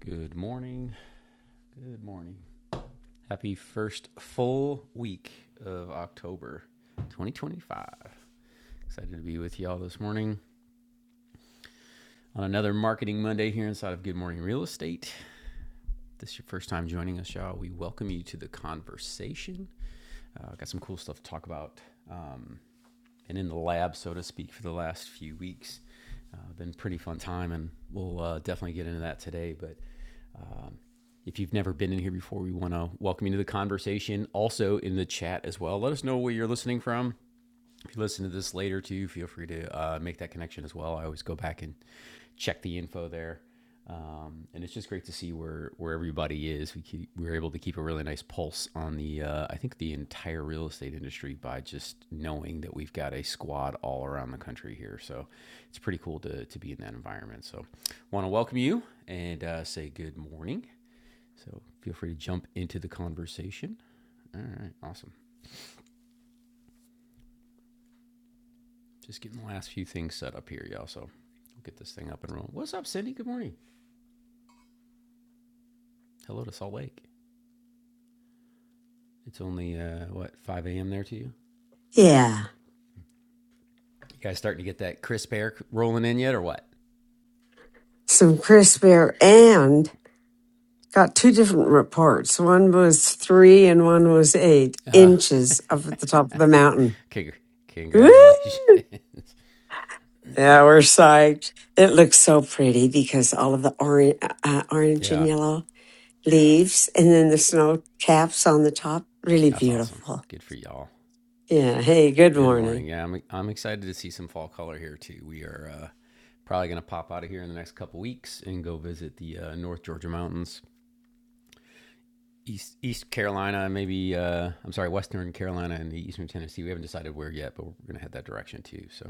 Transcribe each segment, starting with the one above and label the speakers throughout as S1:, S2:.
S1: Good morning. Good morning. Happy first full week of October 2025. Excited to be with y'all this morning on another Marketing Monday here inside of Good Morning Real Estate. If this is your first time joining us, y'all. We welcome you to the conversation. Uh, got some cool stuff to talk about. Um, been in the lab, so to speak, for the last few weeks. Uh, been pretty fun time, and we'll uh, definitely get into that today. But If you've never been in here before, we want to welcome you to the conversation. Also in the chat as well. Let us know where you're listening from. If you listen to this later too, feel free to uh, make that connection as well. I always go back and check the info there, um, and it's just great to see where where everybody is. We keep, we are able to keep a really nice pulse on the uh, I think the entire real estate industry by just knowing that we've got a squad all around the country here. So it's pretty cool to to be in that environment. So want to welcome you and uh, say good morning. So feel free to jump into the conversation. All right, awesome. Just getting the last few things set up here, y'all. So we'll get this thing up and rolling. What's up, Cindy? Good morning. Hello to Salt Lake. It's only uh, what 5 a.m. there to you.
S2: Yeah,
S1: You guys starting to get that crisp air rolling in yet, or what?
S2: some crisp air and got two different reports. One was three and one was eight
S1: Uh,
S2: inches up at the top of the mountain.
S1: okay.
S2: Woo!
S1: congratulations.
S2: Yeah, we're psyched. It looks so pretty because all of the orange, uh, uh, orange and
S1: yeah,
S2: yellow leaves and then the snow caps on the top. Really
S1: that's awesome.
S2: beautiful.
S1: Good for y'all.
S2: Yeah. Hey, good
S1: Good morning.
S2: morning.
S1: Yeah, I'm, I'm excited to see some fall color here too. We are uh, probably going to pop out of here in the next couple weeks and go visit the uh, North Georgia mountains East East Carolina, maybe uh, I'm sorry, Western Carolina and the Eastern Tennessee. We haven't decided where yet, but we're going to head that direction too. So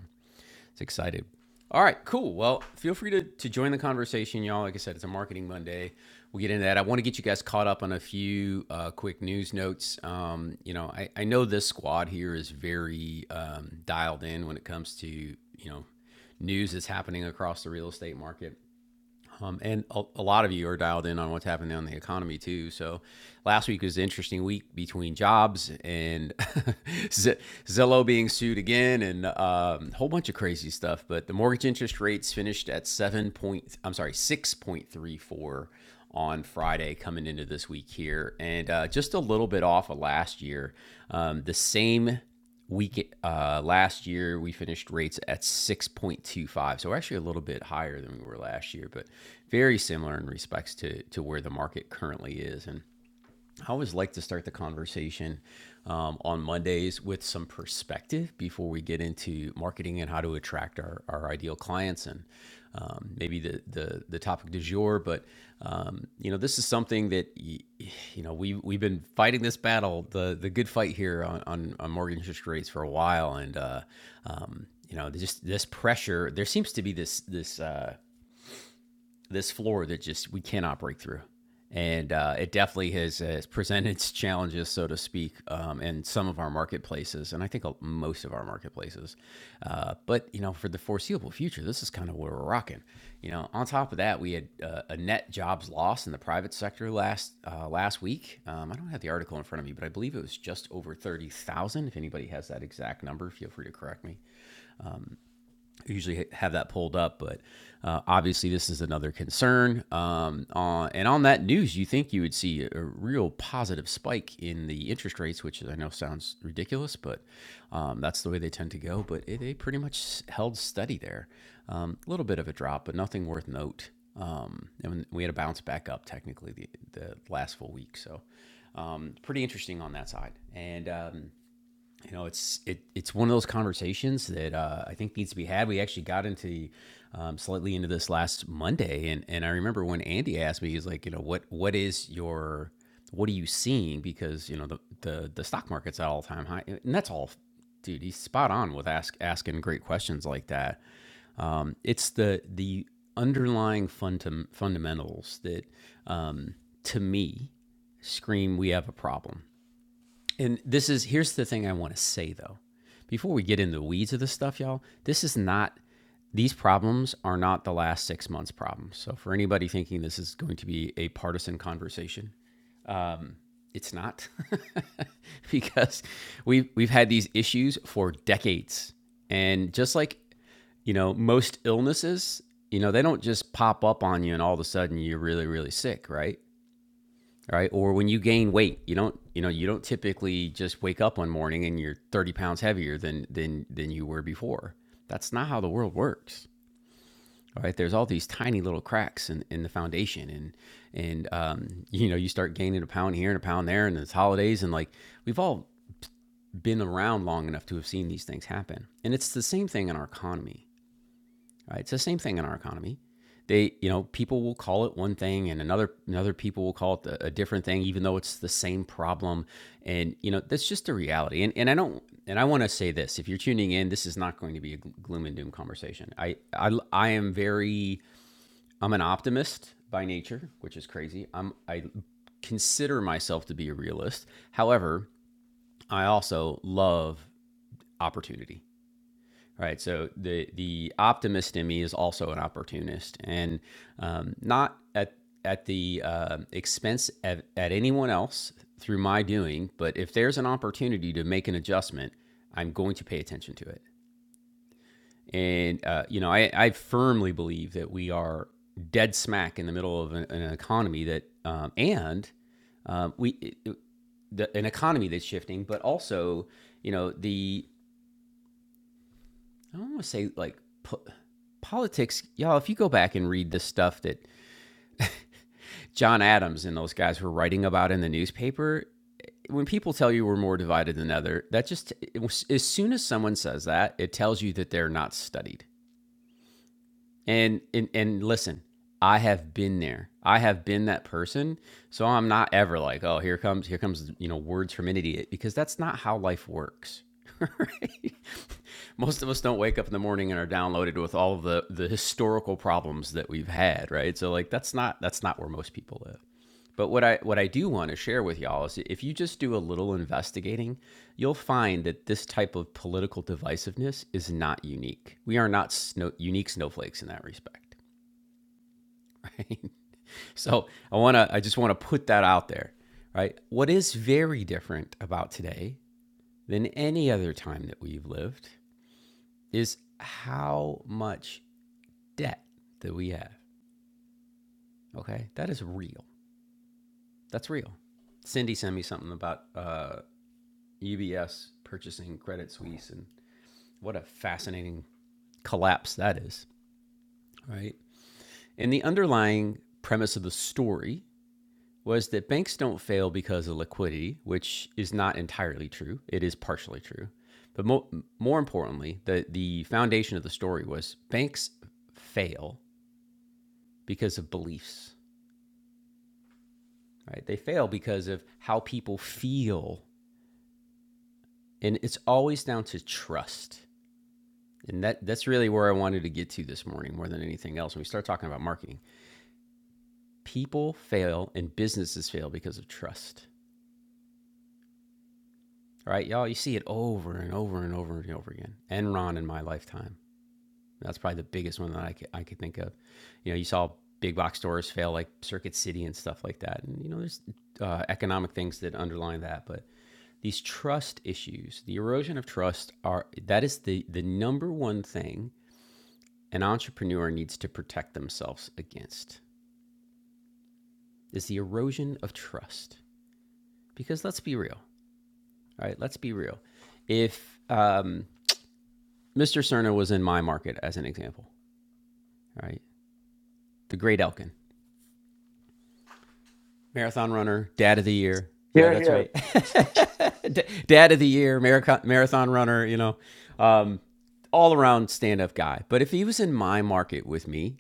S1: it's excited. All right, cool. Well, feel free to, to join the conversation, y'all. Like I said, it's a Marketing Monday. We'll get into that. I want to get you guys caught up on a few uh, quick news notes. Um, you know, I, I know this squad here is very um, dialed in when it comes to, you know, news that's happening across the real estate market. Um, and a, a lot of you are dialed in on what's happening on the economy too. So last week was an interesting week between jobs and Z- Zillow being sued again and um, a whole bunch of crazy stuff. But the mortgage interest rates finished at seven point, I'm sorry, six point three four on Friday coming into this week here, and uh, just a little bit off of last year. Um, the same week uh, last year we finished rates at 6.25 so we're actually a little bit higher than we were last year but very similar in respects to to where the market currently is and I always like to start the conversation um, on Mondays with some perspective before we get into marketing and how to attract our, our ideal clients and um, maybe the, the the topic du jour. But um, you know, this is something that you know we we've been fighting this battle, the the good fight here on on, on mortgage interest rates for a while, and uh, um, you know, just this pressure. There seems to be this this. Uh, this floor that just we cannot break through. And uh, it definitely has, has presented its challenges, so to speak, um, in some of our marketplaces, and I think uh, most of our marketplaces. Uh, but you know, for the foreseeable future, this is kind of where we're rocking. You know, on top of that, we had uh, a net jobs loss in the private sector last uh, last week. Um, I don't have the article in front of me, but I believe it was just over thirty thousand. If anybody has that exact number, feel free to correct me. I usually have that pulled up, but uh, obviously this is another concern. Um, uh, and on that news, you think you would see a real positive spike in the interest rates, which I know sounds ridiculous, but um, that's the way they tend to go. But it, they pretty much held steady there. A um, little bit of a drop, but nothing worth note. Um, and we had a bounce back up technically the, the last full week. So um, pretty interesting on that side. And um, you know, it's it, it's one of those conversations that uh, I think needs to be had. We actually got into um, slightly into this last Monday, and and I remember when Andy asked me, he's like, you know, what what is your what are you seeing? Because you know the the, the stock market's at all time high, and that's all. Dude, he's spot on with ask asking great questions like that. Um, it's the the underlying fundam- fundamentals that um, to me scream we have a problem and this is here's the thing I want to say though. Before we get in the weeds of this stuff, y'all, this is not these problems are not the last six months problems. So for anybody thinking this is going to be a partisan conversation, it's not. because we've we've had these issues for decades. And just like, you know, most illnesses, you know, they don't just pop up on you and all of a sudden you're really, really sick, right? All right? Or when you gain weight, you don't you know you don't typically just wake up one morning and you're 30 pounds heavier than than than you were before. That's not how the world works. All right, there's all these tiny little cracks in, in the foundation, and and um, you know you start gaining a pound here and a pound there, and it's holidays, and like we've all been around long enough to have seen these things happen, and it's the same thing in our economy right? It's the same thing in our economy. They, you know, people will call it one thing, and another another people will call it a, different thing, even though it's the same problem. And you know, that's just the reality. And and I don't, and I want to say this: if you're tuning in, this is not going to be a gloom and doom conversation. I I, I am very, I'm an optimist by nature, which is crazy. I'm I consider myself to be a realist. However, I also love opportunity all right. So the the optimist in me is also an opportunist, and um, not at at the uh, expense of at anyone else through my doing. But if there's an opportunity to make an adjustment, I'm going to pay attention to it. And uh, you know, I, I firmly believe that we are dead smack in the middle of an, an economy that um, and um, we it, the, an economy that's shifting, but also you know the I don't want to say like po- politics, y'all. If you go back and read the stuff that John Adams and those guys were writing about in the newspaper, when people tell you we're more divided than other, that just it as soon as someone says that, it tells you that they're not studied. And and and listen, I have been there. I have been that person. So I'm not ever like, oh, here comes here comes you know words from an idiot because that's not how life works. right? Most of us don't wake up in the morning and are downloaded with all of the the historical problems that we've had, right? So like that's not that's not where most people live. But what I what I do want to share with y'all is if you just do a little investigating you'll find that this type of political divisiveness is not unique. We are not snow- unique snowflakes in that respect, right? So I want to, I just want to put that out there, right? What is very different about today than any other time that we've lived is how much debt that we have. Okay, that is real. That's real. Cindy sent me something about uh, UBS purchasing Credit Suisse, and what a fascinating collapse that is, right? And the underlying premise of the story was that banks don't fail because of liquidity, which is not entirely true. It is partially true. But mo- more importantly, the, the foundation of the story was banks fail because of beliefs, right? They fail because of how people feel. And it's always down to trust. And that, that's really where I wanted to get to this morning more than anything else. When we start talking about marketing, people fail and businesses fail because of trust. right? Y'all, you see it over and over and over and over again. Enron in my lifetime. That's probably the biggest one that I could, I could think of. You know, you saw big box stores fail like Circuit City and stuff like that. And, you know, there's uh, economic things that underline that. But these trust issues, the erosion of trust are, that is the, the number one thing an entrepreneur needs to protect themselves against is the erosion of trust. Because let's be real, all right? Let's be real. If, um, Mr. Cerner was in my market as an example, right? The great Elkin, marathon runner, dad of the year. Yeah,
S3: Here,
S1: that's
S3: here.
S1: right. dad of the year, marathon, runner, you know, um, all around stand up guy. But if he was in my market with me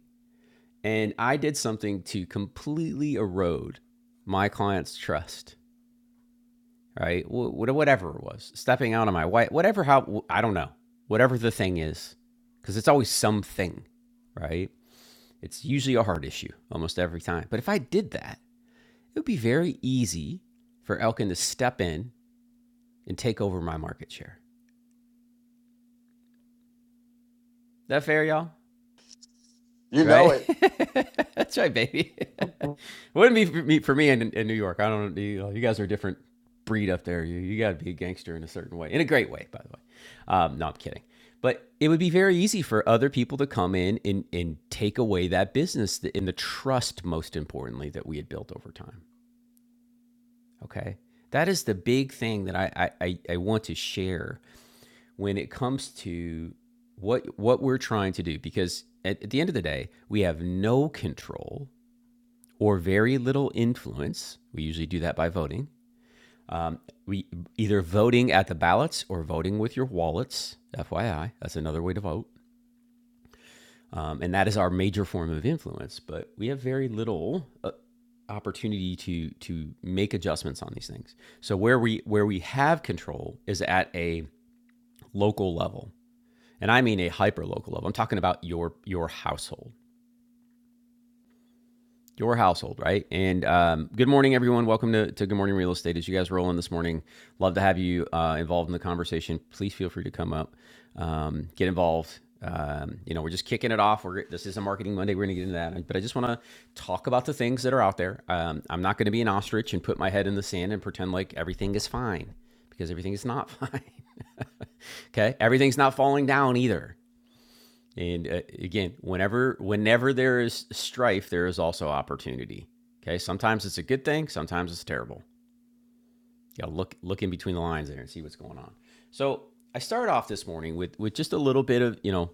S1: and I did something to completely erode my client's trust, right? Whatever it was, stepping out on my wife, whatever, how, I don't know, whatever the thing is, because it's always something, right? It's usually a heart issue almost every time. But if I did that, it would be very easy for Elkin to step in and take over my market share. Is That fair, y'all?
S3: You know
S1: Right?
S3: it.
S1: That's right, baby. Wouldn't be for me, for me in, in New York. I don't know. You, you guys are a different breed up there. You, you got to be a gangster in a certain way, in a great way, by the way. Um, no, I'm kidding. But it would be very easy for other people to come in and, and take away that business and the trust, most importantly, that we had built over time. Okay. That is the big thing that I, I, I- want to share when it comes to what what we're trying to do because at, at the end of the day, we have no control or very little influence. We usually do that by voting. Um, we either voting at the ballots or voting with your wallets. FYI, that's another way to vote. Um, and that is our major form of influence. But we have very little uh, opportunity to to make adjustments on these things. So where we where we have control is at a local level, and I mean a hyper local level. I'm talking about your your household. your household, right? And um, good morning, everyone. Welcome to, to Good Morning Real Estate. As you guys roll in this morning, love to have you uh, involved in the conversation. Please feel free to come up, um, get involved. Um, you know, we're just kicking it off. We're this is a marketing Monday. We're going to get into that, but I just want to talk about the things that are out there. Um, I'm not going to be an ostrich and put my head in the sand and pretend like everything is fine because everything is not fine. okay, everything's not falling down either. And uh, again, whenever whenever there is strife, there is also opportunity. Okay, sometimes it's a good thing, sometimes it's terrible. You gotta look look in between the lines there and see what's going on. So I started off this morning with with just a little bit of you know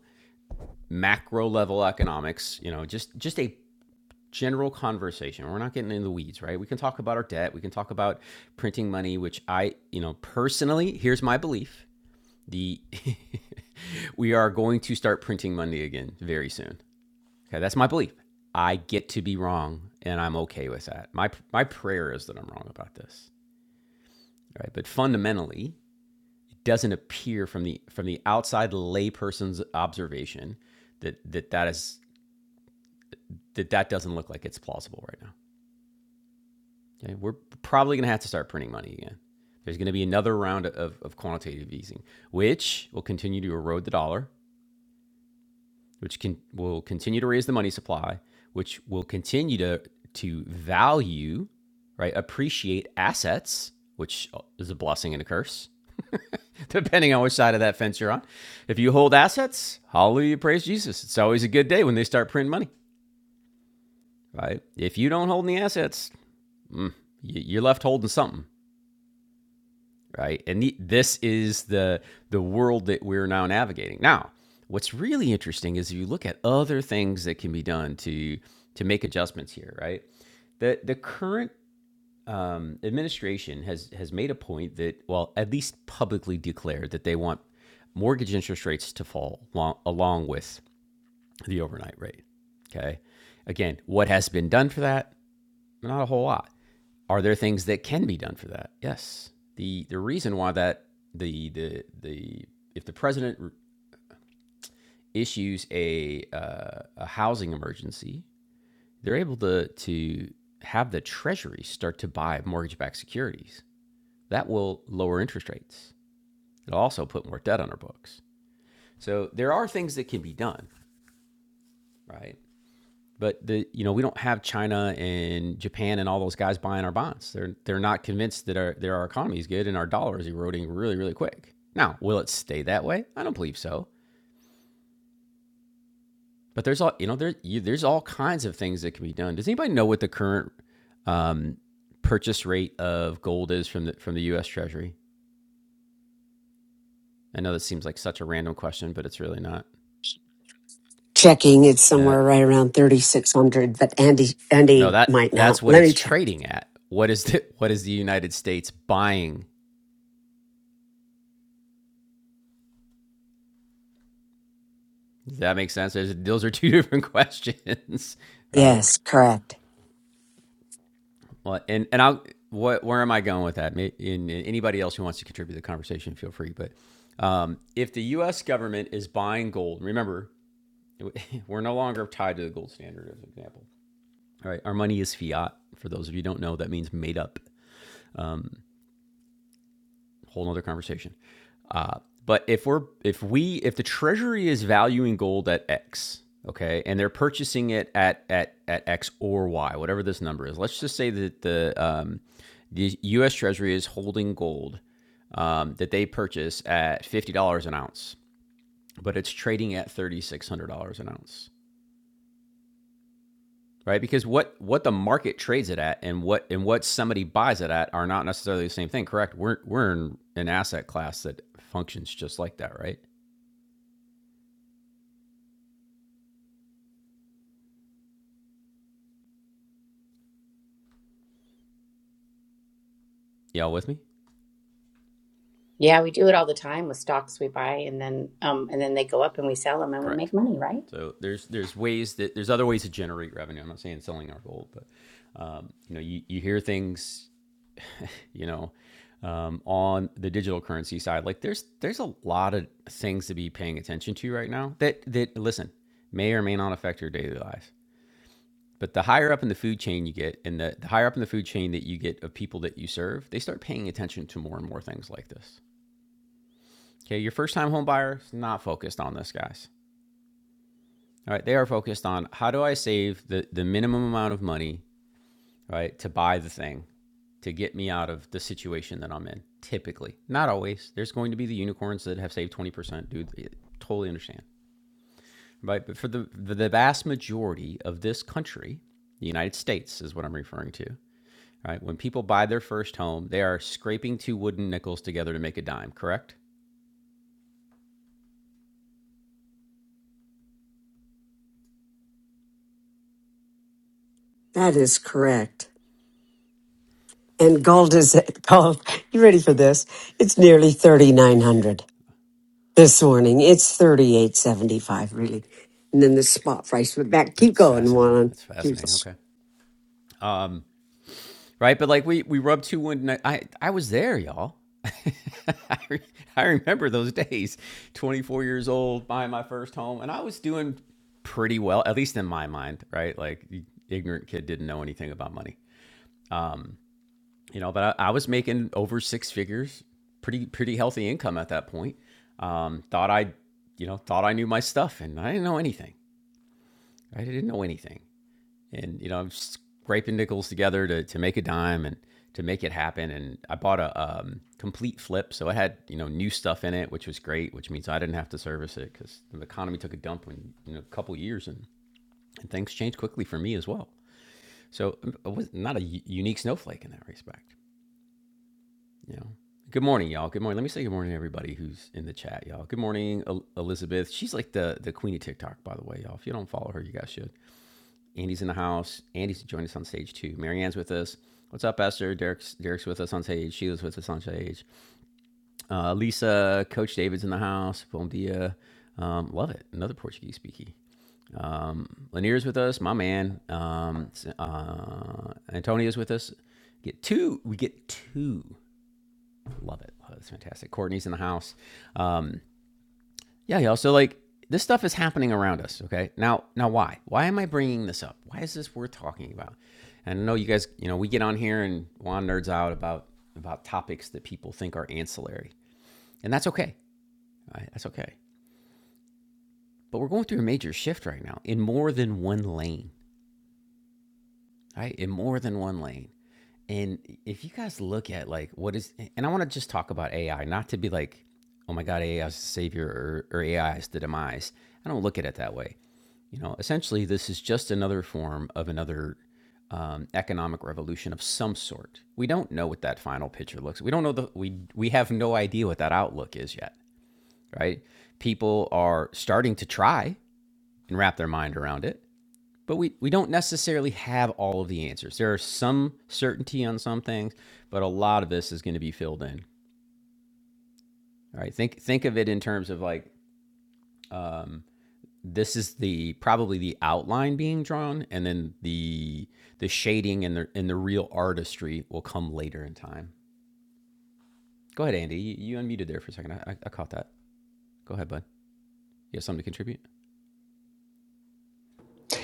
S1: macro level economics. You know, just just a general conversation. We're not getting in the weeds, right? We can talk about our debt. We can talk about printing money, which I you know personally, here's my belief: the we are going to start printing money again very soon. Okay, that's my belief. I get to be wrong, and I'm okay with that. My my prayer is that I'm wrong about this, right? But fundamentally, it doesn't appear from the from the outside layperson's observation that that that is that that doesn't look like it's plausible right now. Okay, we're probably going to have to start printing money again. There's going to be another round of, of quantitative easing, which will continue to erode the dollar, which can will continue to raise the money supply, which will continue to to value, right, appreciate assets, which is a blessing and a curse, depending on which side of that fence you're on. If you hold assets, hallelujah, praise Jesus. It's always a good day when they start printing money, right? If you don't hold any assets, mm, you're left holding something. right? And the, this is the the world that we're now navigating. Now, what's really interesting is if you look at other things that can be done to to make adjustments here, right? The the current um, administration has has made a point that, well, at least publicly declared that they want mortgage interest rates to fall along, along with the overnight rate. Okay, again, what has been done for that? Not a whole lot are there things that can be done for that? Yes. The the reason why that the the the if the president issues a uh, a housing emergency, they're able to to have the treasury start to buy mortgage-backed securities. That will lower interest rates. It'll also put more debt on our books. So there are things that can be done, right? But the you know we don't have China and Japan and all those guys buying our bonds. They're they're not convinced that our that our economy is good and our dollar is eroding really really quick. Now will it stay that way? I don't believe so. But there's all you know there you, there's all kinds of things that can be done. Does anybody know what the current um, purchase rate of gold is from the from the U.S. Treasury? I know this seems like such a random question, but it's really not.
S2: Checking it's
S1: Eh.
S2: somewhere right around 3,600, but Andy,
S1: No,
S2: Andy
S1: that
S2: might not.
S1: that's what
S2: Let
S1: it's
S2: me check.
S1: trading at. What is the what is the United States buying Does that make sense? There's, those are two different questions, right?
S2: Yes, correct.
S1: Well, and and I'll what where am I going with that? and anybody else who wants to contribute to the conversation, feel free. But um, if the U.S. government is buying gold, remember we're no longer tied to the gold standard, as an example. All right, our money is fiat. For those of you who don't know, that means made up. whole nother conversation. Uh, but if we're if we if the Treasury is valuing gold at X, okay, and they're purchasing it at at at X or Y, whatever this number is. Let's just say that the um, the U.S. Treasury is holding gold um, that they purchase at fifty dollars an ounce, but it's trading at thirty six hundred dollars an ounce right? Because what what the market trades it at and what and what somebody buys it at are not necessarily the same thing, correct? We're we're in an asset class that functions just like that, right? Y'all with me?
S4: Yeah, we do it all the time with stocks we buy and then um and then they go up and we sell them and we
S1: Correct.
S4: make money, right?
S1: So there's there's ways that there's other ways to generate revenue. I'm not saying selling our gold, but um, you know you, you hear things you know um, on the digital currency side. Like there's there's a lot of things to be paying attention to right now that that listen may or may not affect your daily life. But the higher up in the food chain you get, and the, the higher up in the food chain that you get of people that you serve, they start paying attention to more and more things like this. Okay, your first time home buyer is not focused on this, guys. All right, they are focused on how do I save the, the minimum amount of money, right, to buy the thing to get me out of the situation that I'm in, typically. Not always. There's going to be the unicorns that have saved 20%, dude. I Totally understand, right? But for the, the vast majority of this country, the United States is what I'm referring to, right? When people buy their first home, they are scraping two wooden nickels together to make a dime, correct?
S2: That is correct. and gold is gold. You ready for this? It's nearly
S1: Oh, Jesus.
S2: 3,900 this morning. It's 38.75 really. And then the spot price went back. Keep
S1: That's
S2: going,
S1: fascinating.
S2: Juan.
S1: That's
S2: Keep
S1: fascinating. Okay. Um, right, but like we we rubbed two wooden I I was there, y'all. I, re- I remember those days. 24 years old, buying my first home, and I was doing pretty well, at least in my mind, right? Like the ignorant kid didn't know anything about money. you know, but I, I was making over six figures, pretty pretty healthy income at that point. Um, thought I, you know, thought I knew my stuff, and I didn't know anything. I didn't know anything, and you know, I'm scraping nickels together to to make a dime and to make it happen. And I bought a um, complete flip, so it had you know new stuff in it, which was great, which means I didn't have to service it because the economy took a dump in you know, a couple years, and, and things changed quickly for me as well. So I was not a unique snowflake in that respect. Yeah. Good morning, y'all. Good morning. Let me say good morning to everybody who's in the chat, y'all. Good morning, El- Elizabeth. She's like the the queen of TikTok, by the way, y'all. If you don't follow her, you guys should. Andy's in the house. Andy's joined us on stage too. Marianne's with us. What's up, Esther? Derek's Derek's with us on stage. Sheila's with us on stage. Uh, Lisa, Coach David's in the house. Bom dia. Um, love it. Another Portuguese speaking. Lanier's with us. My man. Um, s- uh, Antonio's with us. Get two. We get two. Love it. Oh, that's fantastic. Courtney's in the house. Um, yeah, y'all. So like this stuff is happening around us. Okay. Now, now why? Why am I bringing this up? Why is this worth talking about? And I know you guys, you know, we get on here and Juan nerds out about about topics that people think are ancillary, and that's okay. All right, that's okay. But we're going through a major shift right now in more than one lane. Right, in more than one lane. And if you guys look at like what is, and I want to just talk about AI, not to be like, oh my God, AI is the savior or, or AI is the demise. I don't look at it that way. You know, essentially, this is just another form of another um, economic revolution of some sort. We don't know what that final picture looks. We don't know the we we have no idea what that outlook is yet, right? People are starting to try and wrap their mind around it but we, we don't necessarily have all of the answers. There are some certainty on some things, but a lot of this is going to be filled in. All right. Think think of it in terms of like um, this is the probably the outline being drawn, and then the the shading and the and the real artistry will come later in time. Go ahead, Andy. You, you unmuted there for a second. I, I, I caught that. Go ahead, bud. You have something to contribute.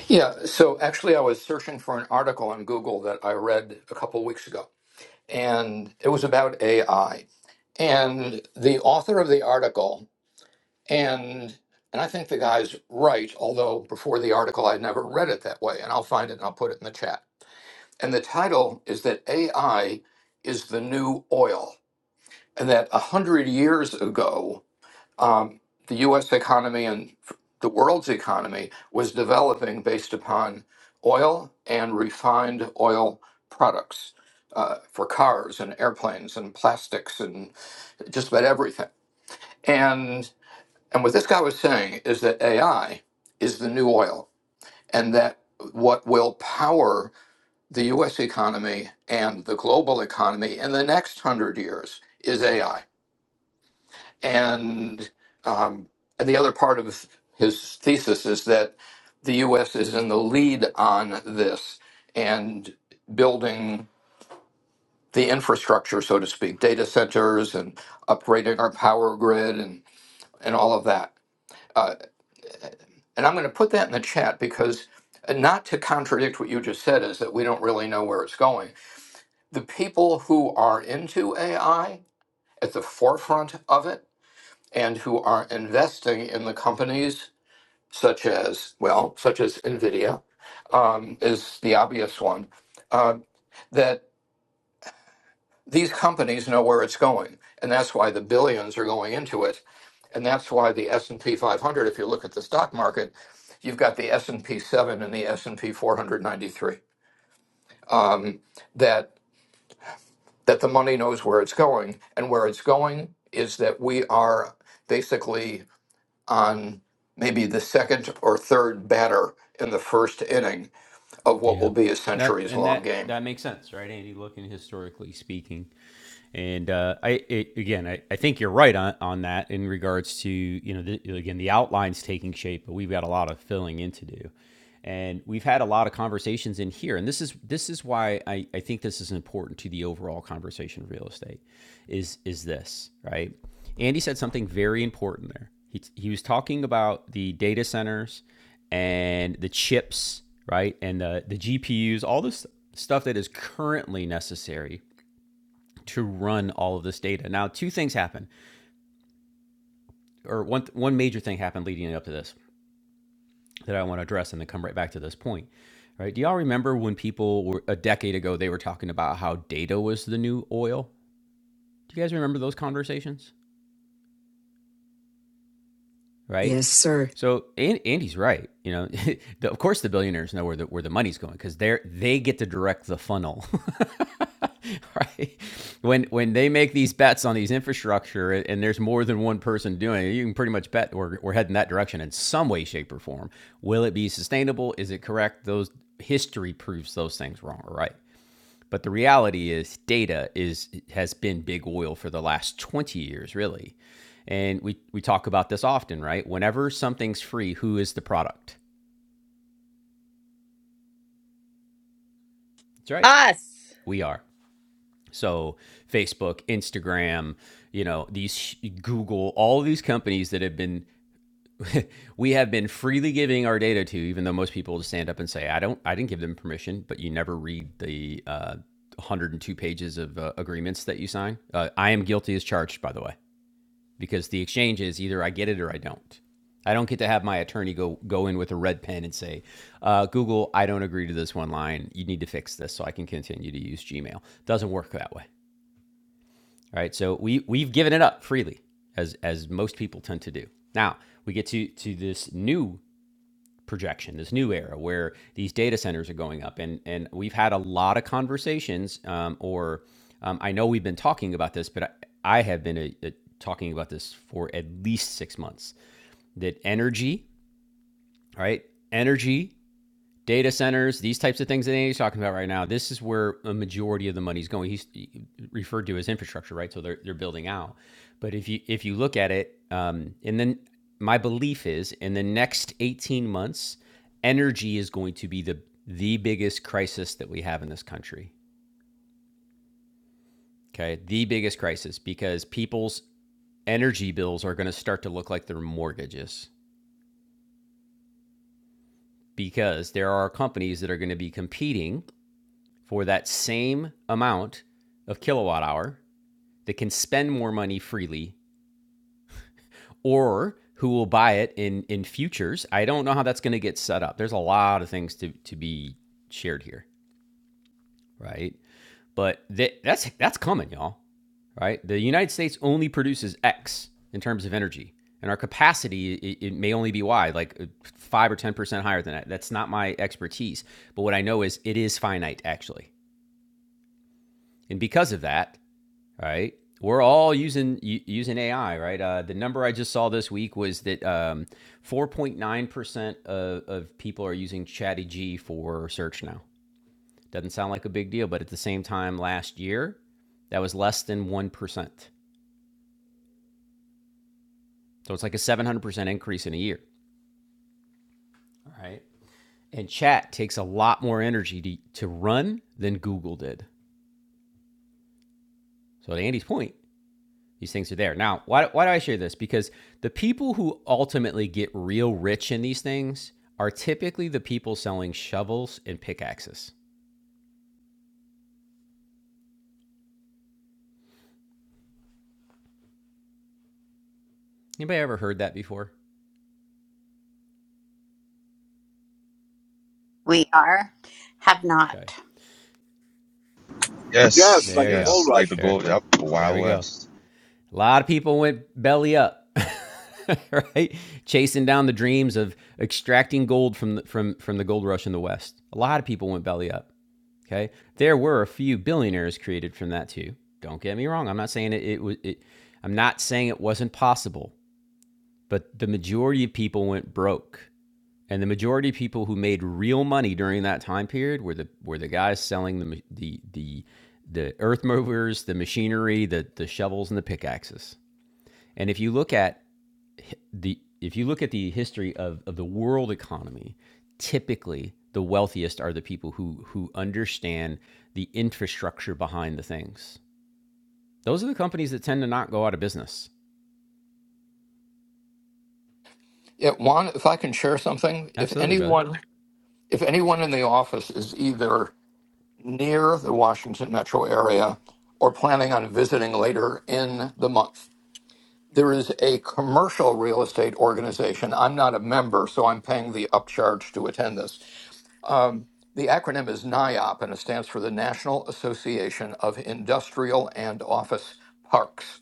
S5: Yeah, so actually, I was searching for an article on Google that I read a couple weeks ago, and it was about AI. And the author of the article, and and I think the guy's right, although before the article I never read it that way, and I'll find it and I'll put it in the chat. And the title is that AI is the new oil, and that a hundred years ago um, the U.S. economy and the world's economy was developing based upon oil and refined oil products uh, for cars and airplanes and plastics and just about everything. And and what this guy was saying is that AI is the new oil, and that what will power the U.S. economy and the global economy in the next hundred years is AI and um, and the other part of his thesis is that the U.S. is in the lead on this and building the infrastructure, so to speak, data centers and upgrading our power grid and and all of that. Uh, and I'm going to put that in the chat because uh, not to contradict what you just said is that we don't really know where it's going. The people who are into AI at the forefront of it and who are investing in the companies such as well, such as Nvidia, um, is the obvious one. Uh, that these companies know where it's going, and that's why the billions are going into it, and that's why the S and P 500. If you look at the stock market, you've got the S and P 7 and the S and P 493. Um, that that the money knows where it's going, and where it's going is that we are basically on maybe the second or third batter in the first inning of what
S1: Yeah.
S5: will be a
S1: That
S5: centuries
S1: and
S5: long
S1: that
S5: game.
S1: that makes sense, right, Andy? Looking historically speaking, And uh, I, it, again, I, I think you're right on, on that in regards to, you know, the, again, the outline's taking shape, but we've got a lot of filling in to do. And we've had a lot of conversations in here. And this is this is why I, I think this is important to the overall conversation of real estate is is this, right? Andy said something very important there. He, he was talking about the data centers and the chips, right? And the, the GPUs, all this stuff that is currently necessary to run all of this data. Now, two things happen, or one one major thing happened leading up to this that I want to address, and then come right back to this point. Right? Do y'all remember when people were a decade ago they were talking about how data was the new oil? Do you guys remember those conversations? right?
S2: Yes, sir.
S1: So and, Andy's right. You know, the, of course the billionaires know where the where the money's going because they're they get to direct the funnel, right? When when they make these bets on these infrastructure and, and there's more than one person doing it, you can pretty much bet we're we're heading that direction in some way, shape, or form. Will it be sustainable? Is it correct? Those history proves those things wrong or right. But the reality is, data is has been big oil for the last 20 years, really. And we, we talk about this often, right? Whenever something's free, who is the product? That's right.
S6: Us.
S1: We are. So Facebook, Instagram, you know, these Google, all these companies that have been we have been freely giving our data to, even though most people just stand up and say, I don't I didn't give them permission, but you never read the uh, 102 pages of uh, agreements that you sign. Uh, I am guilty as charged, by the way. because the exchange is either I get it or I don't. I don't get to have my attorney go go in with a red pen and say, uh, "Google, I don't agree to this one line. You need to fix this so I can continue to use Gmail." Doesn't work that way, right? So we we've given it up freely, as as most people tend to do. Now we get to to this new projection, this new era where these data centers are going up. And and we've had a lot of conversations, um, or um, I know we've been talking about this, but I, I have been uh uh talking about this for at least six months. That energy, right? energy data centers, these types of things that Andy's talking about right now, this is where a majority of the money's going. He's referred to as infrastructure, right? So they're, they're building out. But if you if you look at it, um, and then my belief is in the next 18 months, energy is going to be the the biggest crisis that we have in this country. Okay, the biggest crisis because people's energy bills are going to start to look like their mortgages because there are companies that are going to be competing for that same amount of kilowatt hour that can spend more money freely or who will buy it in in futures. I don't know how that's going to get set up. There's a lot of things to to be shared here, right? But th- that's that's coming, y'all, right? The United States only produces X in terms of energy, and our capacity it, it may only be Y, like uh, five or ten percent higher than that. That's not my expertise, but what I know is it is finite actually, and because of that, right? We're all using using AI, right? Uh, the number I just saw this week was that um, 4.9% of, of people are using ChatGPT for search now. Doesn't sound like a big deal, but at the same time, last year, that was less than 1%. So it's like a 700% increase in a year. All right. And chat takes a lot more energy to, to run than Google did. So, to Andy's point, These things are there. Now, why, why do I share this? Because the people who ultimately get real rich in these things are typically the people selling shovels and pickaxes. Anybody ever heard that before?
S4: We are, have
S1: Okay.
S4: not.
S3: Yes,
S7: Yes,
S1: There
S3: like
S1: you
S3: the
S1: go.
S3: gold
S7: yes, like the
S3: rush.
S1: There,
S7: gold, yep, the
S1: there
S7: Wild
S1: we go.
S7: West.
S1: A lot of people went belly up, right? Chasing down the dreams of extracting gold from the, from from the gold rush in the West. A lot of people went belly up. Okay, there were a few billionaires created from that too. Don't get me wrong. I'm not saying it. It was. It, I'm not saying it wasn't possible, but the majority of people went broke, and the majority of people who made real money during that time period were the were the guys selling the the the the earth movers, the machinery, the the shovels, and the pickaxes. And if you look at the if you look at the history of, of the world economy, typically the wealthiest are the people who who understand the infrastructure behind the things. Those are the companies that tend to not go out of business.
S5: Yeah, Juan, if I can share something, if
S1: Absolutely, brother.
S5: anyone if anyone in the office is either near the Washington metro area or planning on visiting later in the month, there is a commercial real estate organization. I'm not a member, so I'm paying the upcharge to attend this. Um, the acronym is NIOP, and it stands for the National Association of Industrial and Office Parks.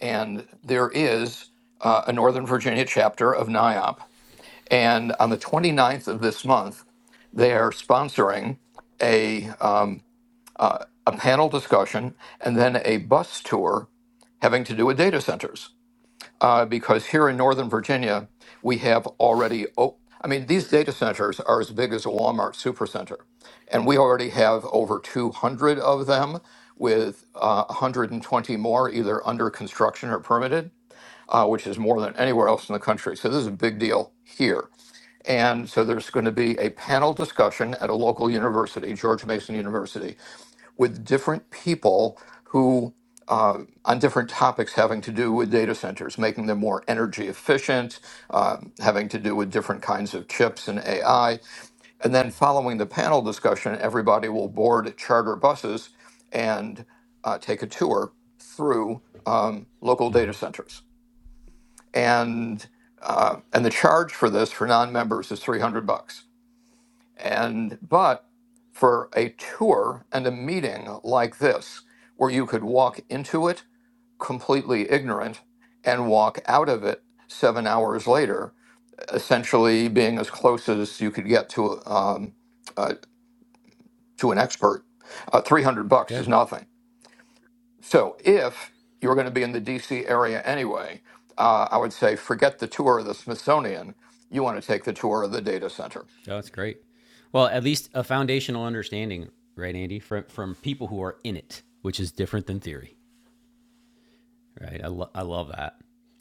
S5: and there is uh, a Northern Virginia chapter of NIOP. And on the 29th of this month, they are sponsoring a, um, uh, a panel discussion and then a bus tour having to do with data centers. Uh, because here in Northern Virginia, we have already, o- I mean, these data centers are as big as a Walmart supercenter. And we already have over 200 of them with uh, 120 more either under construction or permitted uh, which is more than anywhere else in the country. So this is a big deal here. And so there's going to be a panel discussion at a local university, George Mason University, with different people who uh, on different topics having to do with data centers, making them more energy efficient, um, having to do with different kinds of chips and AI. And then following the panel discussion, everybody will board charter buses and uh, take a tour through um, local data centers and uh, and the charge for this for non-members is 300 bucks and but for a tour and a meeting like this where you could walk into it completely ignorant and walk out of it seven hours later essentially being as close as you could get to um, uh, to an expert uh, 300 bucks
S1: Yeah.
S5: is nothing So if you're going to be in the DC area anyway, uh, I would say forget the tour of the Smithsonian. You want to take the tour of the data center.
S1: Oh, that's great. Well, at least a foundational understanding, right, Andy, from from people who are in it, which is different than theory. Right. I, lo- I love that.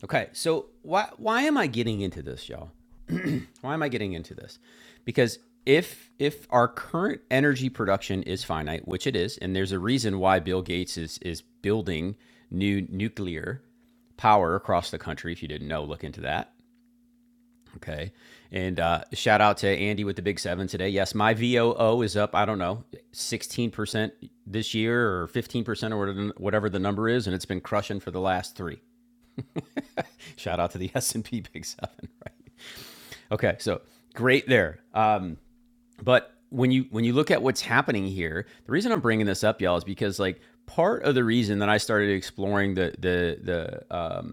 S1: Okay. So why why am I getting into this, y'all? Why am I getting into this? Because if if our current energy production is finite, which it is, and there's a reason why Bill Gates is is building new nuclear power across the country. If you didn't know, look into that. Okay. And uh, shout out to Andy with the Big Seven today. Yes, my VOO is up, I don't know, 16% this year or 15% or whatever- the number is. And it's been crushing for the last three. Shout out to the S&P Big Seven. Right? Okay. So great there. Um, but when you when you look at what's happening here the reason i'm bringing this up y'all is because like part of the reason that i started exploring the the the um,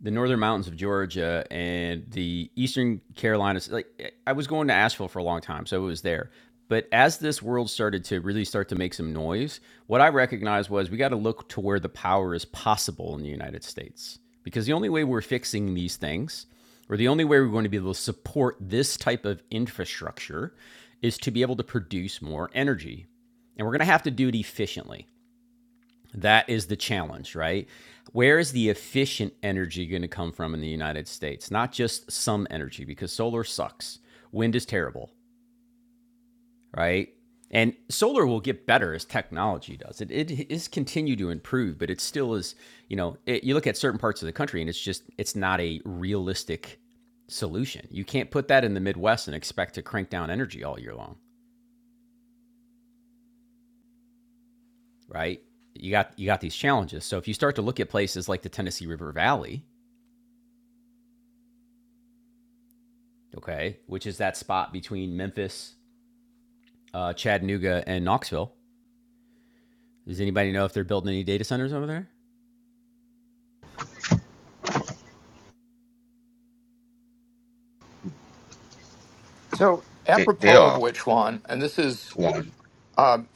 S1: the northern mountains of Georgia and the eastern Carolinas. Like I was going to Asheville for a long time, so it was there. But as this world started to really start to make some noise, what I recognized was we got to look to where the power is possible in the United States. Because the only way we're fixing these things, or the only way we're going to be able to support this type of infrastructure, is to be able to produce more energy. And we're going to have to do it efficiently. That is the challenge, right? Where is the efficient energy going to come from in the United States? Not just some energy, because solar sucks. Wind is terrible, right? And solar will get better as technology does. It, it is continue to improve, but it still is, you know, it, you look at certain parts of the country and it's just, it's not a realistic solution. You can't put that in the Midwest and expect to crank down energy all year long, right? You got, you got these challenges. So if you start to look at places like the Tennessee River Valley, okay, which is that spot between Memphis, uh, Chattanooga, and Knoxville. Does anybody know if they're building any data centers over there?
S5: So,
S7: They they
S5: apropos of
S7: are
S5: which one, and this is,
S7: one
S5: um,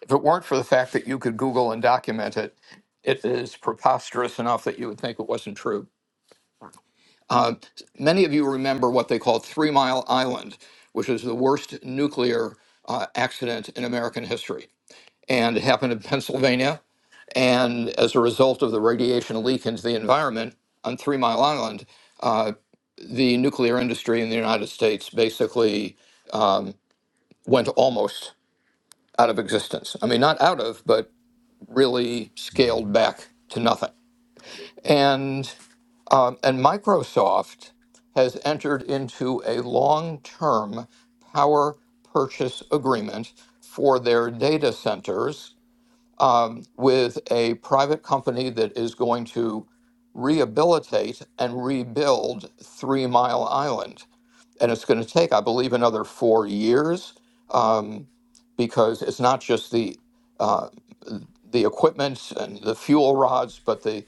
S5: if it weren't for the fact that you could Google and document it, it is preposterous enough that you would think it wasn't true. Uh, many of you remember what they called Three Mile Island, which was the worst nuclear uh, accident in American history. And it happened in Pennsylvania. And as a result of the radiation leak into the environment on Three Mile Island, uh, the nuclear industry in the United States basically went almost out of existence. I mean, not out of, but really
S1: Mm-hmm.
S5: scaled back to nothing. And Um, and Microsoft has entered into a long term power purchase agreement for their data centers um, with a private company that is going to rehabilitate and rebuild Three Mile Island and it's going to take, I believe, another four years um, because it's not just the uh, the equipment and the fuel rods, but the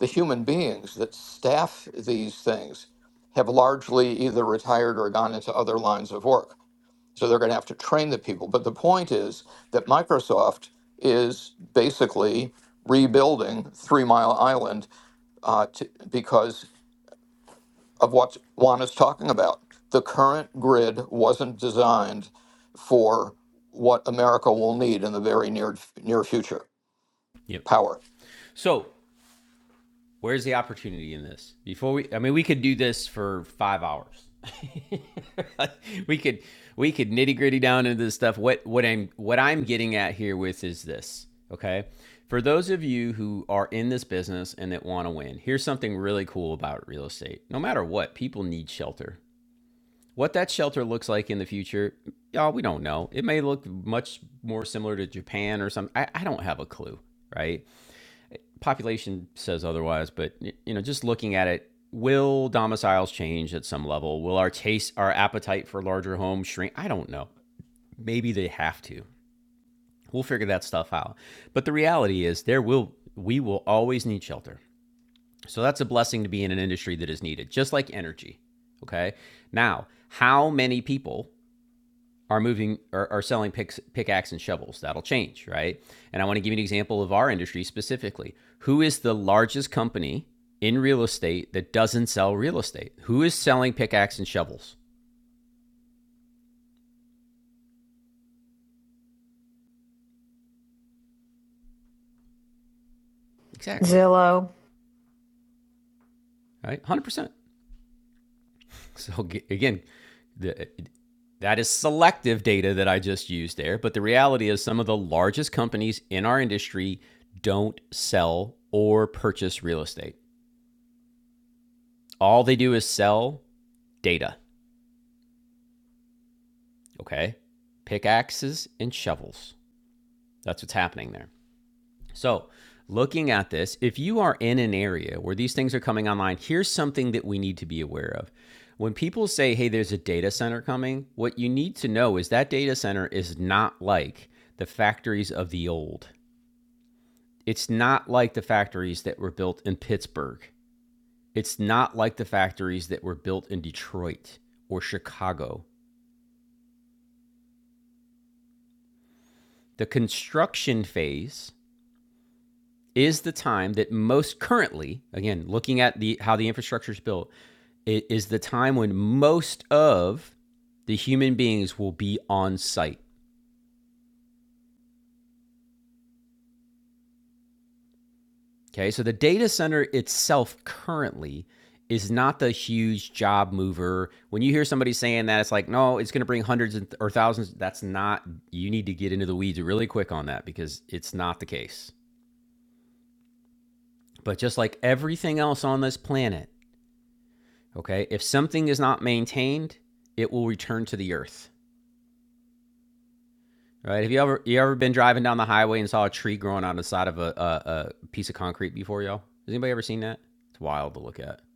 S5: the human beings that staff these things have largely either retired or gone into other lines of work. So they're going to have to train the people. But the point is that Microsoft is basically rebuilding Three Mile Island uh, to, because of what Juan is talking about. The current grid wasn't designed for what America will need in the very near near future
S1: Yep.
S5: power.
S1: So where's the opportunity in this? Before we, I mean, we could do this for five hours. we could we could nitty gritty down into this stuff. What what I'm what I'm getting at here with is this. Okay. For those of you who are in this business and that want to win, here's something really cool about real estate. No matter what, people need shelter. What that shelter looks like in the future, y'all, we don't know. It may look much more similar to Japan or something. I, I don't have a clue, right? Population says otherwise, but you know, just looking at it, will domiciles change at some level? Will our taste, our appetite for larger homes shrink? I don't know. Maybe they have to. We'll figure that stuff out. But the reality is, there will we will always need shelter. So that's a blessing to be in an industry that is needed, just like energy. Okay. Now, how many people are moving are, are selling picks, pickaxe and shovels. That'll change, right? And I want to give you an example of our industry specifically. Who is the largest company in real estate that doesn't sell real estate? Who is selling pickaxe and shovels? Exactly,
S8: Zillow.
S1: right? 100%. So again, the, that is selective data that I just used there, but the reality is some of the largest companies in our industry don't sell or purchase real estate. All they do is sell data. Okay. Pickaxes and shovels. That's what's happening there. So, looking at this, if you are in an area where these things are coming online, here's something that we need to be aware of. When people say, hey, there's a data center coming, what you need to know is that data center is not like the factories of the old. It's not like the factories that were built in Pittsburgh. It's not like the factories that were built in Detroit or Chicago. The construction phase is the time that most currently, again, looking at the how the infrastructure is built, it is the time when most of the human beings will be on site. Okay, so the data center itself currently is not the huge job mover. When you hear somebody saying that, it's like, no, it's going to bring hundreds and th- or thousands. That's not. You need to get into the weeds really quick on that because it's not the case. But just like everything else on this planet, Okay. If something is not maintained, it will return to the earth. Right? Have you ever you ever been driving down the highway and saw a tree growing on the side of a, a, a piece of concrete before, y'all? Has anybody ever seen that? It's wild to look at.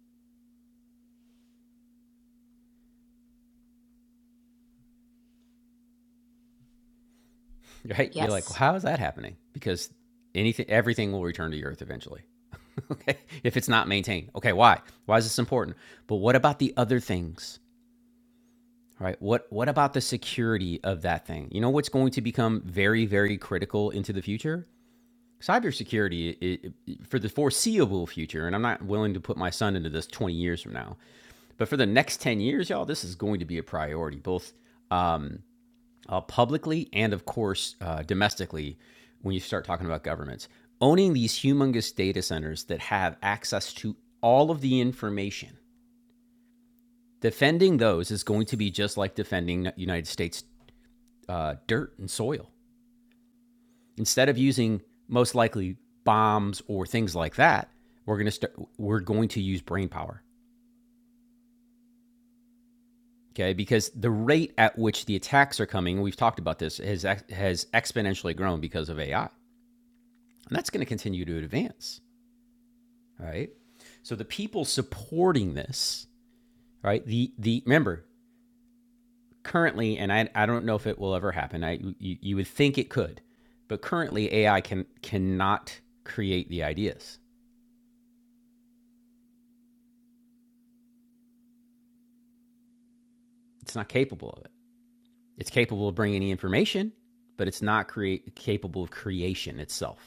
S1: Right? You're like, well,
S4: Yes,
S1: how is that happening? Because anything, everything will return to the earth eventually. okay. If it's not maintained. Okay. Why? Why is this important? But what about the other things? Right. What What about the security of that thing? You know what's going to become very, very critical into the future cybersecurity i i for the foreseeable future, and I'm not willing to put my son into this 20 years from now, but for the next 10 years, y'all, this is going to be a priority, both um, uh, publicly and, of course, uh, domestically when you start talking about governments. Owning these humongous data centers that have access to all of the information, defending those is going to be just like defending United States uh, dirt and soil. Instead of using most likely bombs or things like that, we're going to start we're going to use brain power okay because the rate at which the attacks are coming we've talked about this has has exponentially grown because of ai and that's going to continue to advance All right so the people supporting this right the the remember currently and i, I don't know if it will ever happen i you, you would think it could but currently ai can cannot create the ideas it's not capable of it It's capable of bringing information, but it's not create, capable of creation itself.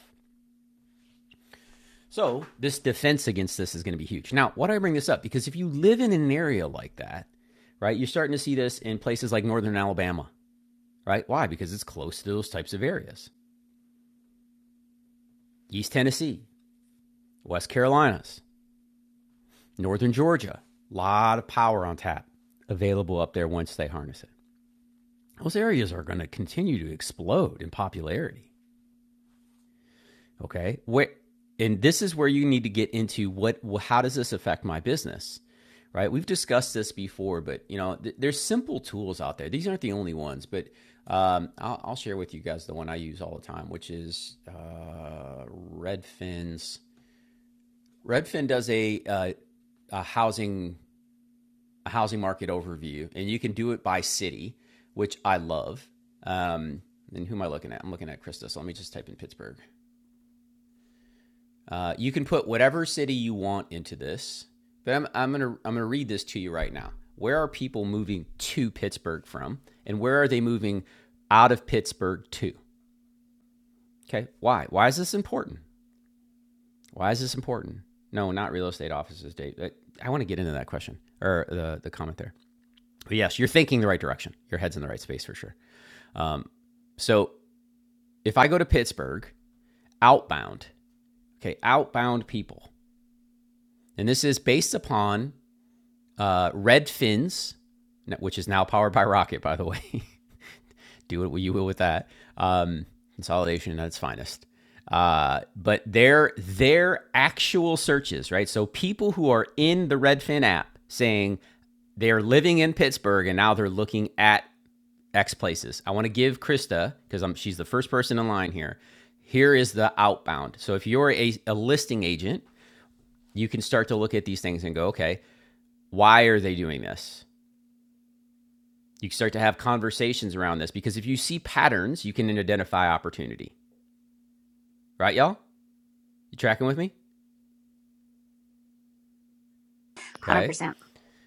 S1: So, this defense against this is going to be huge. Now, why do I bring this up? Because if you live in an area like that, right, you're starting to see this in places like northern Alabama, right? Why? Because it's close to those types of areas. East Tennessee, West Carolinas, northern Georgia, a lot of power on tap available up there once they harness it. Those areas are going to continue to explode in popularity. Okay. Where and this is where you need to get into what how does this affect my business? Right? We've discussed this before, but you know, th- there's simple tools out there. These aren't the only ones, but um, I'll, I'll share with you guys the one I use all the time, which is uh, Redfin's. Redfin does a, uh, a housing a housing market overview, and you can do it by city, which I love. Um, and who am I looking at? I'm looking at Krista. So let me just type in Pittsburgh. Uh, you can put whatever city you want into this, but I'm, I'm gonna I'm gonna read this to you right now. Where are people moving to Pittsburgh from, and where are they moving out of Pittsburgh to? Okay, why? Why is this important? Why is this important? No, not real estate offices, Dave. I, I want to get into that question or the the comment there. But yes, you're thinking the right direction. Your head's in the right space for sure. Um, so if I go to Pittsburgh, outbound, okay, outbound people, and this is based upon uh, Red Fins, which is now powered by Rocket, by the way. Do what you will with that. Um, consolidation at its finest. Uh, but their their actual searches, right? So people who are in the Redfin app saying they're living in Pittsburgh and now they're looking at X places. I want to give Krista because I'm she's the first person in line here. Here is the outbound. So if you're a, a listing agent, you can start to look at these things and go, okay, why are they doing this? You start to have conversations around this because if you see patterns, you can identify opportunity. Right, y'all? You tracking with me? Okay.
S4: 100%.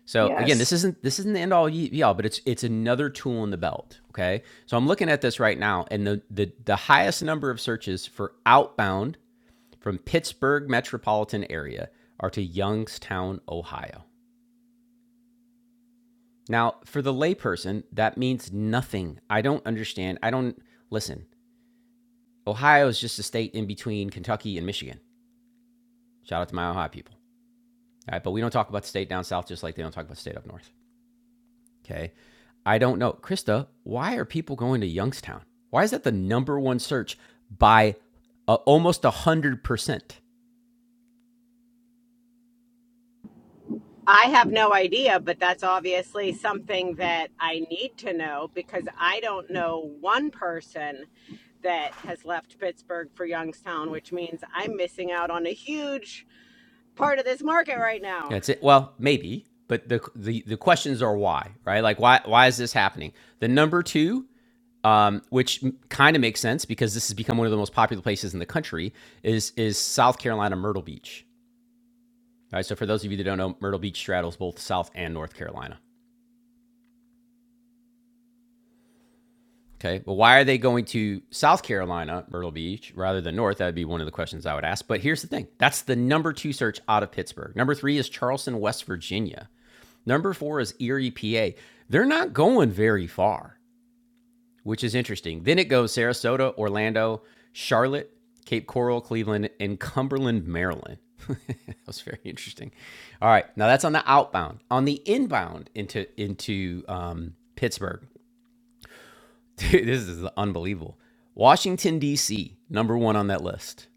S1: So again, this
S9: Yes.
S1: isn't this isn't the end all ye- all, but it's it's another tool in the belt. Okay. So I'm looking at this right now, and the the, the highest number of searches for outbound from Pittsburgh metropolitan area are to Youngstown, Ohio. Now, for the layperson, that means nothing. I don't understand. I don't listen. Ohio is just a state in between Kentucky and Michigan. Shout out to my Ohio people. All right, but we don't talk about the state down south just like they don't talk about the state up north. Okay. I don't know. Krista, why are people going to Youngstown? Why is that the number one search by uh, almost 100%?
S6: I have no idea, but that's obviously something that I need to know because I don't know one person that has left Pittsburgh for Youngstown, which means I'm missing out on a huge part of this market right now.
S1: That's it. Well, maybe, but the, the, the questions are why, right? Like, why, why is this happening? The number two, um, which kind of makes sense because this has become one of the most popular places in the country, is, is South Carolina Myrtle Beach. All right. So, for those of you that don't know, Myrtle Beach straddles both South and North Carolina. Okay. Well, why are they going to South Carolina, Myrtle Beach, rather than North? That would be one of the questions I would ask. But here's the thing that's the number two search out of Pittsburgh. Number three is Charleston, West Virginia. Number four is Erie, PA. They're not going very far, which is interesting. Then it goes Sarasota, Orlando, Charlotte, Cape Coral, Cleveland, and Cumberland, Maryland. that was very interesting. All right. Now that's on the outbound. On the inbound into into um, Pittsburgh, Dude, this is unbelievable. Washington, D.C., number one on that list.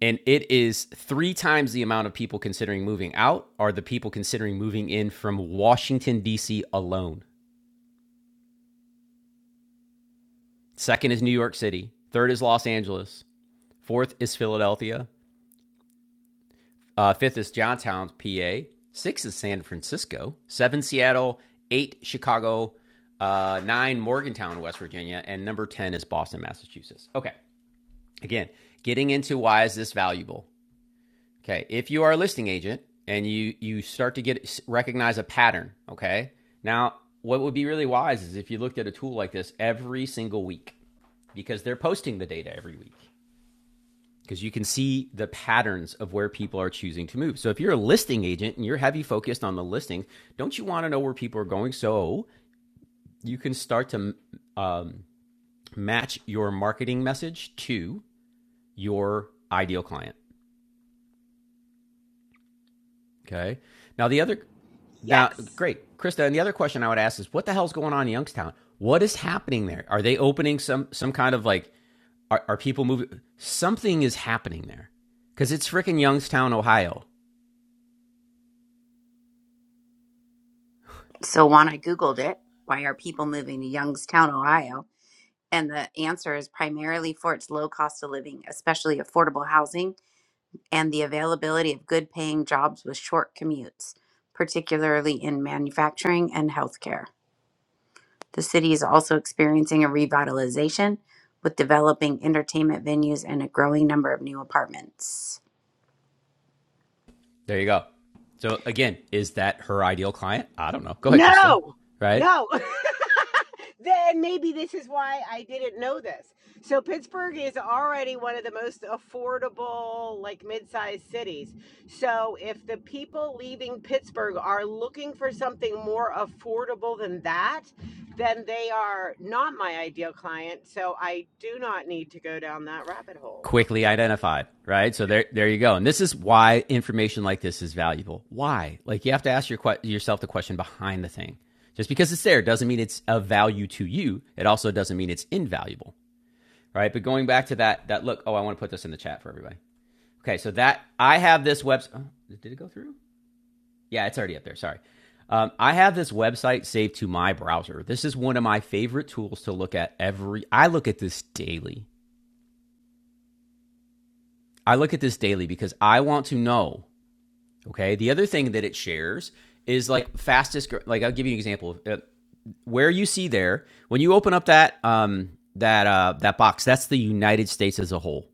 S1: And it is three times the amount of people considering moving out are the people considering moving in from Washington, D.C. alone. Second is New York City. Third is Los Angeles. Fourth is Philadelphia. Uh, fifth is Johnstown, PA. Sixth is San Francisco. Seven, Seattle. Eight, Chicago. Uh, nine, Morgantown, West Virginia. And number 10 is Boston, Massachusetts. Okay. Again, getting into why is this valuable? Okay, if you are a listing agent and you you start to get recognize a pattern, okay? Now, what would be really wise is if you looked at a tool like this every single week because they're posting the data every week because you can see the patterns of where people are choosing to move. So if you're a listing agent and you're heavy focused on the listings, don't you want to know where people are going so you can start to um, match your marketing message to your ideal client, okay? Now the other Now,
S6: Yes.
S1: great, Krista. And the other question I would ask is, what the hell's going on in Youngstown? What is happening there? Are they opening some some kind of like? Are, are people moving? Something is happening there because it's freaking Youngstown, Ohio.
S4: So, Juan, I Googled it. Why are people moving to Youngstown, Ohio? And the answer is primarily for its low cost of living, especially affordable housing, and the availability of good paying jobs with short commutes, particularly in manufacturing and healthcare. The city is also experiencing a revitalization with developing entertainment venues and a growing number of new apartments.
S1: There you go. So again, is that her ideal client? I don't know. Go ahead, Krista.
S6: No.
S1: Right?
S6: No. then maybe this is why I didn't know this. So Pittsburgh is already one of the most affordable, like mid-sized cities. So if the people leaving Pittsburgh are looking for something more affordable than that, then they are not my ideal client. So I do not need to go down that rabbit hole.
S1: Quickly identified. Right? So there, there you go. And this is why information like this is valuable. Why? Like you have to ask your yourself the question behind the thing. Just because it's there doesn't mean it's of value to you. It also doesn't mean it's invaluable. right? But going back to that that look, oh, I want to put this in the chat for everybody. Okay, so that I have this website. Oh, did it go through? Yeah, it's already up there. Sorry. Um, I have this website saved to my browser. This is one of my favorite tools to look at every. I look at this daily. I look at this daily because I want to know. Okay. The other thing that it shares is like fastest. Like I'll give you an example. Uh, where you see there when you open up that um, that uh, that box, that's the United States as a whole.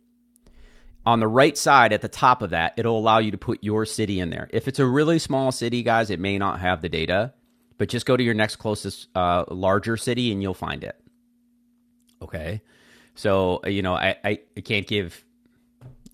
S1: on the right side at the top of that, it'll allow you to put your city in there. If it's a really small city, guys, it may not have the data, but just go to your next closest uh, larger city and you'll find it. Okay. So, uh, you know, I, I, I can't give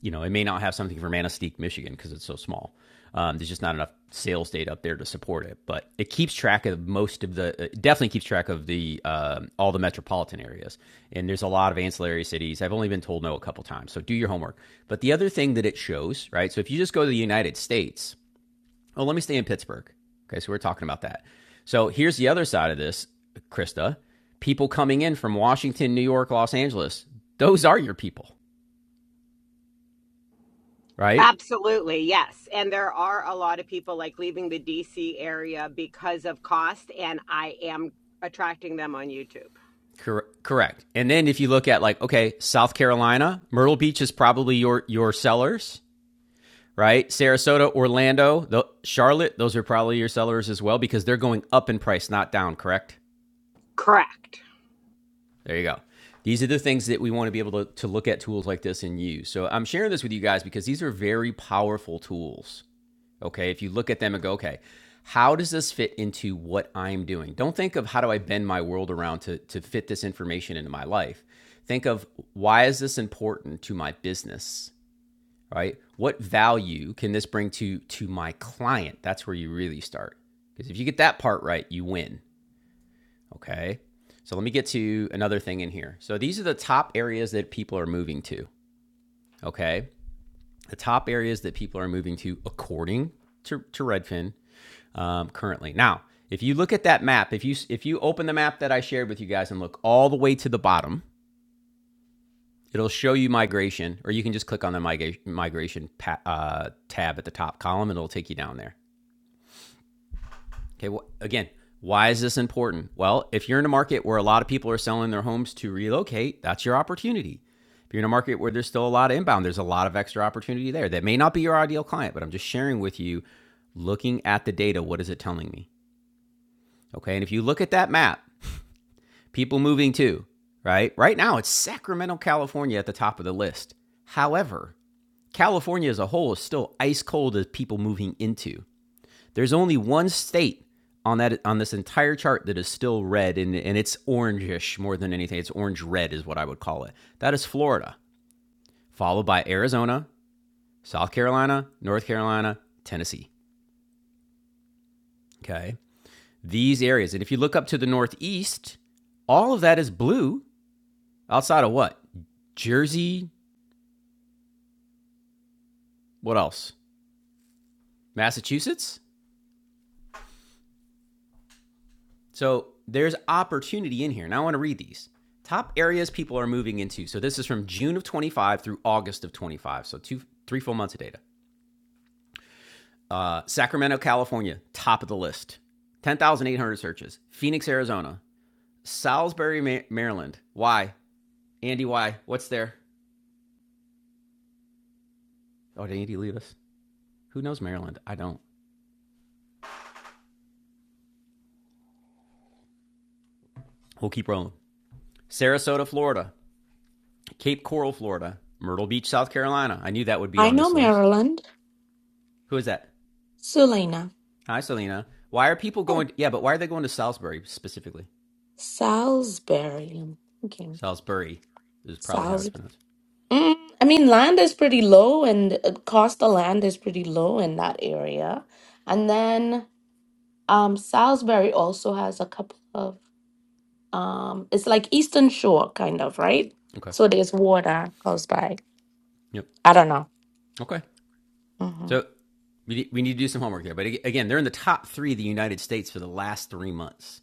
S1: you know, it may not have something for Manistee, Michigan, because it's so small. Um, there's just not enough sales data up there to support it, but it keeps track of most of the. uh, It definitely keeps track of the um all the metropolitan areas, and there's a lot of ancillary cities. I've only been told no a couple times, so do your homework. But the other thing that it shows, right? So if you just go to the United States, oh, let me stay in Pittsburgh. Okay, so we're talking about that. So here's the other side of this, Krista. People coming in from Washington, New York, Los Angeles. Those are your people, right?
S6: Absolutely, yes. And there are a lot of people like leaving the DC area because of cost, and I am attracting them on YouTube.
S1: Cor- correct. And then if you look at like okay, South Carolina, Myrtle Beach is probably your your sellers, right? Sarasota, Orlando, the, Charlotte, those are probably your sellers as well because they're going up in price, not down. Correct.
S6: Correct.
S1: There you go. These are the things that we want to be able to, to look at tools like this and use. So I'm sharing this with you guys because these are very powerful tools. Okay. If you look at them and go, okay, how does this fit into what I'm doing? Don't think of how do I bend my world around to, to fit this information into my life. Think of why is this important to my business? Right? What value can this bring to to my client? That's where you really start. Because if you get that part right, you win. Okay. So let me get to another thing in here. So these are the top areas that people are moving to. Okay. The top areas that people are moving to according to, to Redfin um, currently. Now, if you look at that map, if you if you open the map that I shared with you guys and look all the way to the bottom, it'll show you migration, or you can just click on the migra- migration pa- uh, tab at the top column, and it'll take you down there. Okay. Well, again, why is this important? Well, if you're in a market where a lot of people are selling their homes to relocate, that's your opportunity. If you're in a market where there's still a lot of inbound, there's a lot of extra opportunity there. That may not be your ideal client, but I'm just sharing with you, looking at the data, what is it telling me? Okay. And if you look at that map, people moving too, right? Right now, it's Sacramento, California at the top of the list. However, California as a whole is still ice cold as people moving into. There's only one state on that on this entire chart that is still red and, and it's orangish more than anything. It's orange red is what I would call it. That is Florida, followed by Arizona, South Carolina, North Carolina, Tennessee. Okay. These areas. And if you look up to the northeast, all of that is blue outside of what? Jersey, What else? Massachusetts? So there's opportunity in here. And I want to read these. Top areas people are moving into. So this is from June of 25 through August of 25. So two, three full months of data. Uh, Sacramento, California, top of the list. 10,800 searches. Phoenix, Arizona. Salisbury, Ma- Maryland. Why? Andy, why? What's there? Oh, did Andy leave us? Who knows Maryland? I don't. We'll keep rolling. Sarasota, Florida. Cape Coral, Florida. Myrtle Beach, South Carolina. I knew that would be
S10: I
S1: on
S10: know
S1: this list.
S10: Maryland.
S1: Who is that?
S10: Sulina.
S1: Hi, Selena. Why are people
S10: Yeah.
S1: going? To, yeah, but why are they going to Salisbury specifically?
S10: Salisbury. Okay.
S1: Salisbury is probably how it's
S10: Salisbury.
S1: pronounced.
S10: Mm, I mean, land is pretty low, and uh, cost of land is pretty low in that area. And then um, Salisbury also has a couple of, um, it's like Eastern Shore, kind of, right?
S1: Okay.
S10: So there's water close by.
S1: Yep.
S10: I don't know.
S1: Okay.
S10: Mm-hmm.
S1: So we we need to do some homework there. But again, they're in the top three of the United States for the last three months.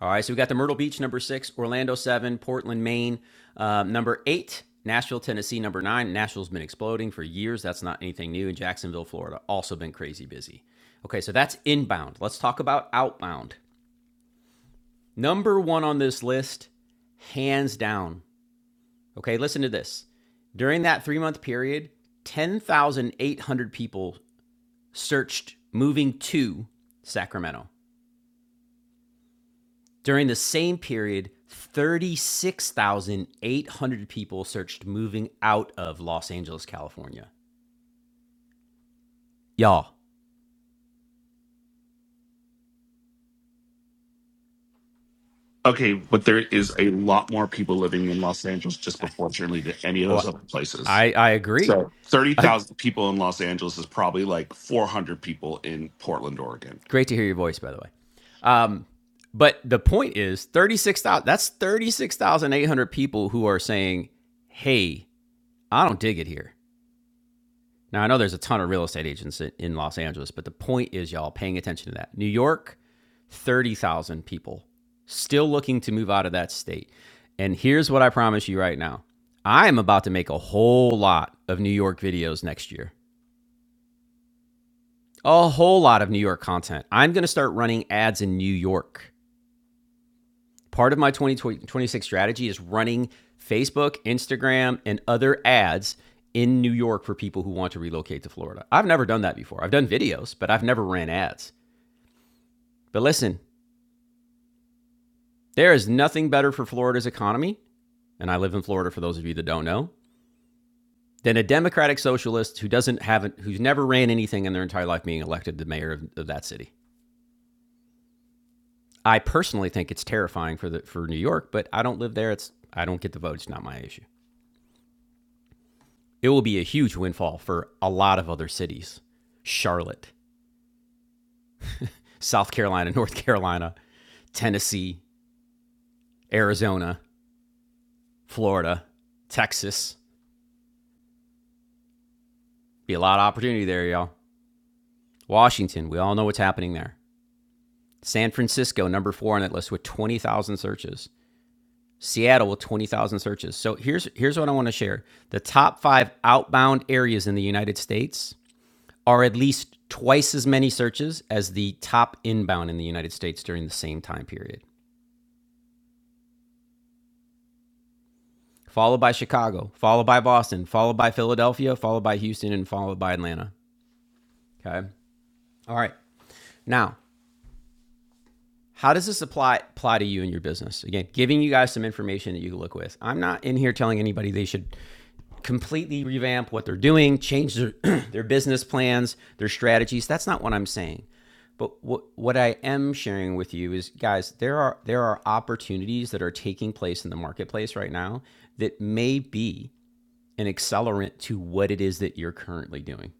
S1: All right. So we got the Myrtle Beach number six, Orlando seven, Portland, Maine um, number eight, Nashville, Tennessee number nine. Nashville's been exploding for years. That's not anything new. And Jacksonville, Florida, also been crazy busy. Okay. So that's inbound. Let's talk about outbound. Number one on this list, hands down. Okay, listen to this. During that three month period, 10,800 people searched moving to Sacramento. During the same period, 36,800 people searched moving out of Los Angeles, California. Y'all,
S11: Okay, but there is a lot more people living in Los Angeles just proportionally to any of those
S1: oh,
S11: other places.
S1: I, I agree.
S11: So
S1: I,
S11: 30,000 people in Los Angeles is probably like 400 people in Portland, Oregon.
S1: Great to hear your voice, by the way. Um, but the point is, thirty-six thousand. That's thirty-six thousand eight hundred people who are saying, "Hey, I don't dig it here." Now I know there's a ton of real estate agents in in Los Angeles, but the point is, y'all paying attention to that. New York, thirty thousand people still looking to move out of that state. And here's what I promise you right now: I am about to make a whole lot of New York videos next year. A whole lot of New York content. I'm going to start running ads in New York Part of my 2026 strategy is running Facebook, Instagram, and other ads in New York for people who want to relocate to Florida. I've never done that before. I've done videos, but I've never ran ads. But listen, there is nothing better for Florida's economy, and I live in Florida for those of you that don't know, than a democratic socialist who doesn't have who's never ran anything in their entire life being elected the mayor of, of that city. I personally think it's terrifying for the for New York, but I don't live there. It's I don't get the vote. It's not my issue. It will be a huge windfall for a lot of other cities Charlotte, South Carolina, North Carolina, Tennessee, Arizona, Florida, Texas. Be a lot of opportunity there, y'all. Washington, we all know what's happening there. San Francisco, number four on that list with 20,000 searches. Seattle with 20,000 searches. So here's here's what I want to share. The top 5 outbound areas in the United States are at least twice as many searches as the top inbound in the United States during the same time period. followed by Chicago, followed by Boston, followed by Philadelphia, followed by Houston, and followed by Atlanta. Okay. All right. Now, how does this apply apply to you and your business? Again, giving you guys some information that you can look with. I'm not in here telling anybody they should completely revamp what they're doing, change their their business plans, their strategies. That's not what I'm saying. But what what I am sharing with you is, guys, there are there are opportunities that are taking place in the marketplace right now that may be an accelerant to what it is that you're currently doing.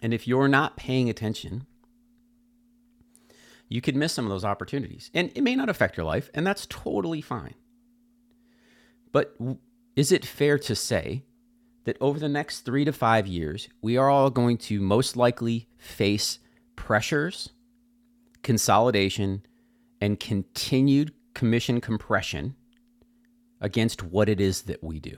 S1: And if you're not paying attention, you could miss some of those opportunities. And it may not affect your life, and that's totally fine. But is it fair to say that over the next three to five years, we are all going to most likely face pressures, consolidation, and continued commission compression against what it is that we do?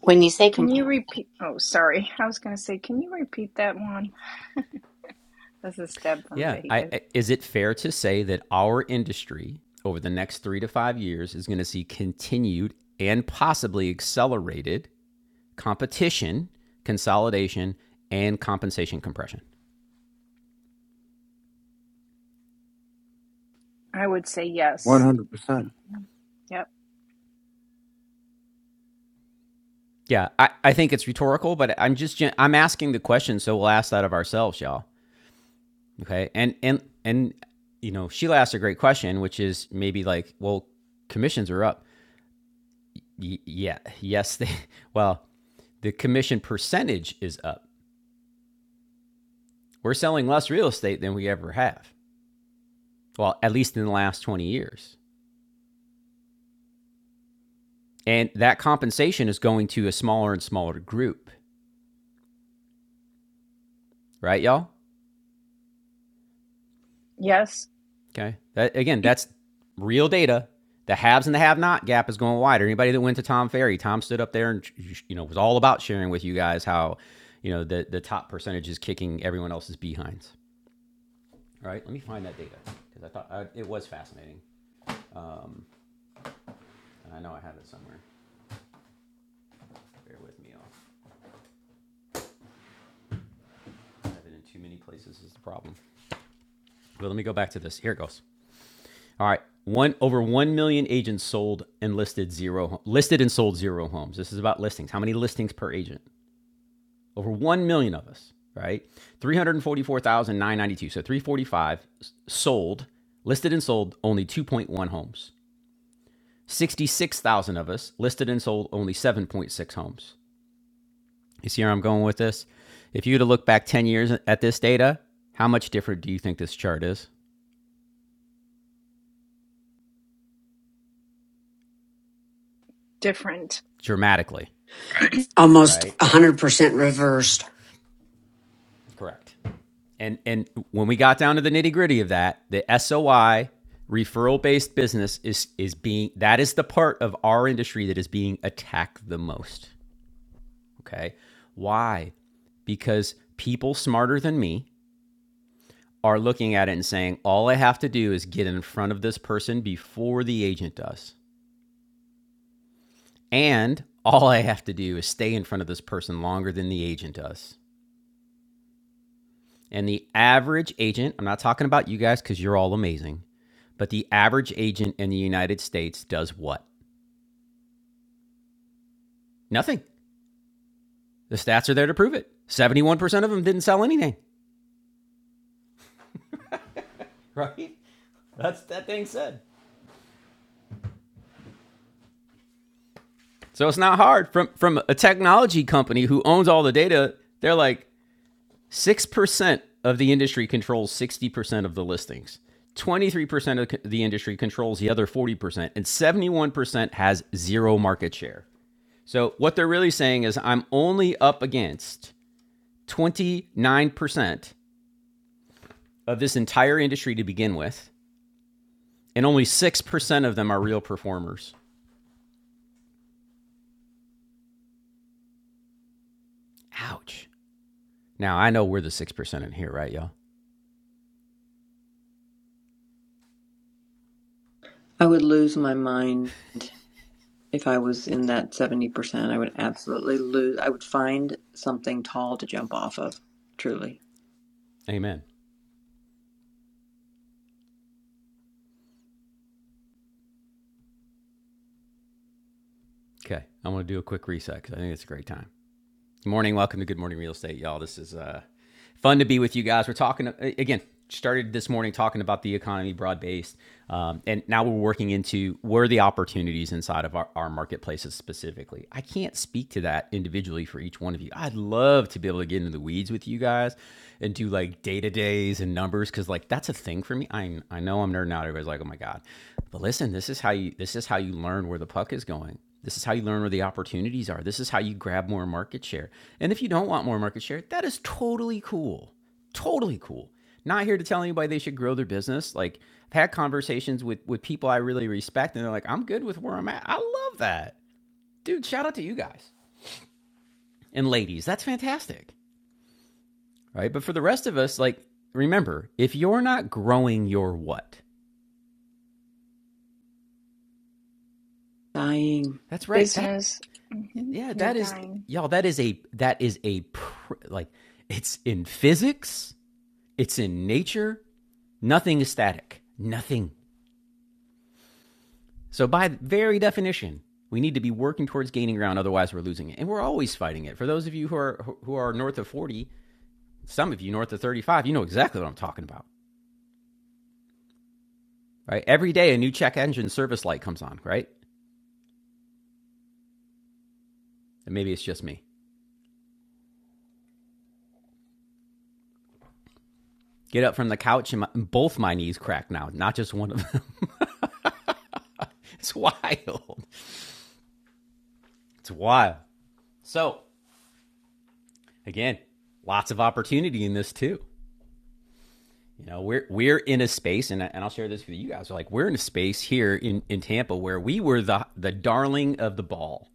S4: When you say
S9: Can you
S4: compressed,
S9: repeat? Oh, sorry. I was going to say, can you repeat that one? This is Deb from
S1: Yeah. I,
S9: Vegas.
S1: I- is it fair to say that our industry over the next three to five years is going to see continued and possibly accelerated competition, consolidation, and compensation compression?
S9: I would say yes.
S3: 100%.
S9: Yep.
S1: Yeah, I, I think it's rhetorical, but I'm just i I'm asking the question, so we'll ask that of ourselves, y'all. Okay, and and and you know Sheila asked a great question, which is maybe like, well, commissions are up. Y- yeah, yes, they. Well, the commission percentage is up We're selling less real estate than we ever have. Well, at least in the last 20 years. And that compensation is going to a smaller and smaller group, right, y'all?
S9: Yes.
S1: Okay. That, again, that's real data. The haves and the have-not gap is going wider. Anybody that went to Tom Ferry, Tom stood up there and you know was all about sharing with you guys how you know the the top percentage is kicking everyone else's behinds. All right, let me find that data because I thought I, it was fascinating. Um, and I know I have it somewhere. Bear with me, I'll I have it in too many places is the problem. But let me go back to this. Here it goes. All right. One over one million agents sold and listed zero listed and sold zero homes. This is about listings. How many listings per agent? Over one million of us, right? Three hundred forty-four thousand nine hundred ninety-two. So three forty-five sold, listed and sold only two point one homes. Sixty-six thousand of us listed and sold only seven point six homes. You see where I'm going with this? If you were to look back ten years at this data, how much different do you think this chart is?
S9: Different
S1: Dramatically,
S2: Almost
S1: right?
S2: 100% reversed.
S1: Correct. And and when we got down to the nitty gritty of that, the SOI referral based business is is being that is the part of our industry that is being attacked the most. Okay, why? Because people smarter than me are looking at it and saying, all I have to do is get in front of this person before the agent does, and all I have to do is stay in front of this person longer than the agent does And the average agent, I'm not talking about you guys because you're all amazing, but the average agent in the United States does what? Nothing. The stats are there to prove it. 71% of them didn't sell anything. Right? That's that thing said. So it's not hard from from a technology company who owns all the data, they're like 6% of the industry controls 60% of the listings. 23% of the industry controls the other 40% and 71% has zero market share. So what they're really saying is I'm only up against 29% of this entire industry to begin with, and only 6% of them are real performers. Ouch. Now I know we're the 6% in here, right, y'all?
S12: I would lose my mind if I was in that 70%. I would absolutely lose. I would find something tall to jump off of, truly.
S1: Amen. Okay. I'm going to do a quick reset because I think it's a great time. Good morning. Welcome to Good Morning Real Estate, y'all. This is uh, fun to be with you guys. We're talking uh, again. Started this morning talking about the economy broad based, um, and now we're working into where are the opportunities inside of our, our marketplaces specifically. I can't speak to that individually for each one of you. I'd love to be able to get into the weeds with you guys and do like data days and numbers because like that's a thing for me. I I know I'm nerding out. Everybody's like, oh my god, but listen, this is how you this is how you learn where the puck is going. This is how you learn where the opportunities are. This is how you grab more market share. And if you don't want more market share, that is totally cool. Totally cool. Not here to tell anybody they should grow their business. Like I've had conversations with with people I really respect and they're like, "I'm good with where I'm at." I love that. Dude, shout out to you guys and ladies. That's fantastic. Right? But for the rest of us, like remember, if you're not growing your what?
S12: Dying.
S1: That's right. That
S9: business. hmm
S1: yeah,
S9: You're
S1: that is
S9: dying.
S1: y'all. That is a that is a pr- like it's in physics. It's in nature. Nothing is static. Nothing. So by very definition, we need to be working towards gaining ground. Otherwise, we're losing it, and we're always fighting it. For those of you who are who are north of forty, some of you north of thirty-five, you know exactly what I'm talking about, right? Every day, a new check engine service light comes on, right? And maybe it's just me. Get up from the couch, and, my, and both my knees crack now, not just one of them. it's wild. It's wild. So again, lots of opportunity in this too. You know, we're we're in a space, and, and I'll share this with you guys. We're Like we're in a space here in, in Tampa where we were the the darling of the ball,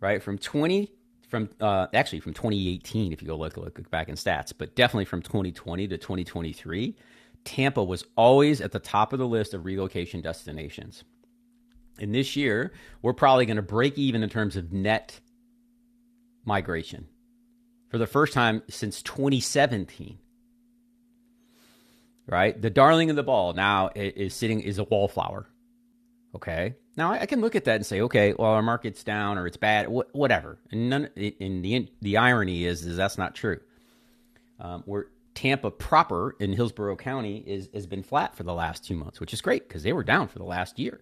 S1: right? From twenty, from uh, actually from 2018, if you go look, look look back in stats, but definitely from 2020 to 2023, Tampa was always at the top of the list of relocation destinations. And this year, we're probably going to break even in terms of net migration for the first time since 2017. right? The darling of the ball now is sitting is a wallflower. Okay, now I can look at that and say, okay, well our market's down or it's bad, whatever. And none. i- And the the irony is is that's not true. Um, where Tampa proper in Hillsborough County is has been flat for the last two months, which is great because they were down for the last year.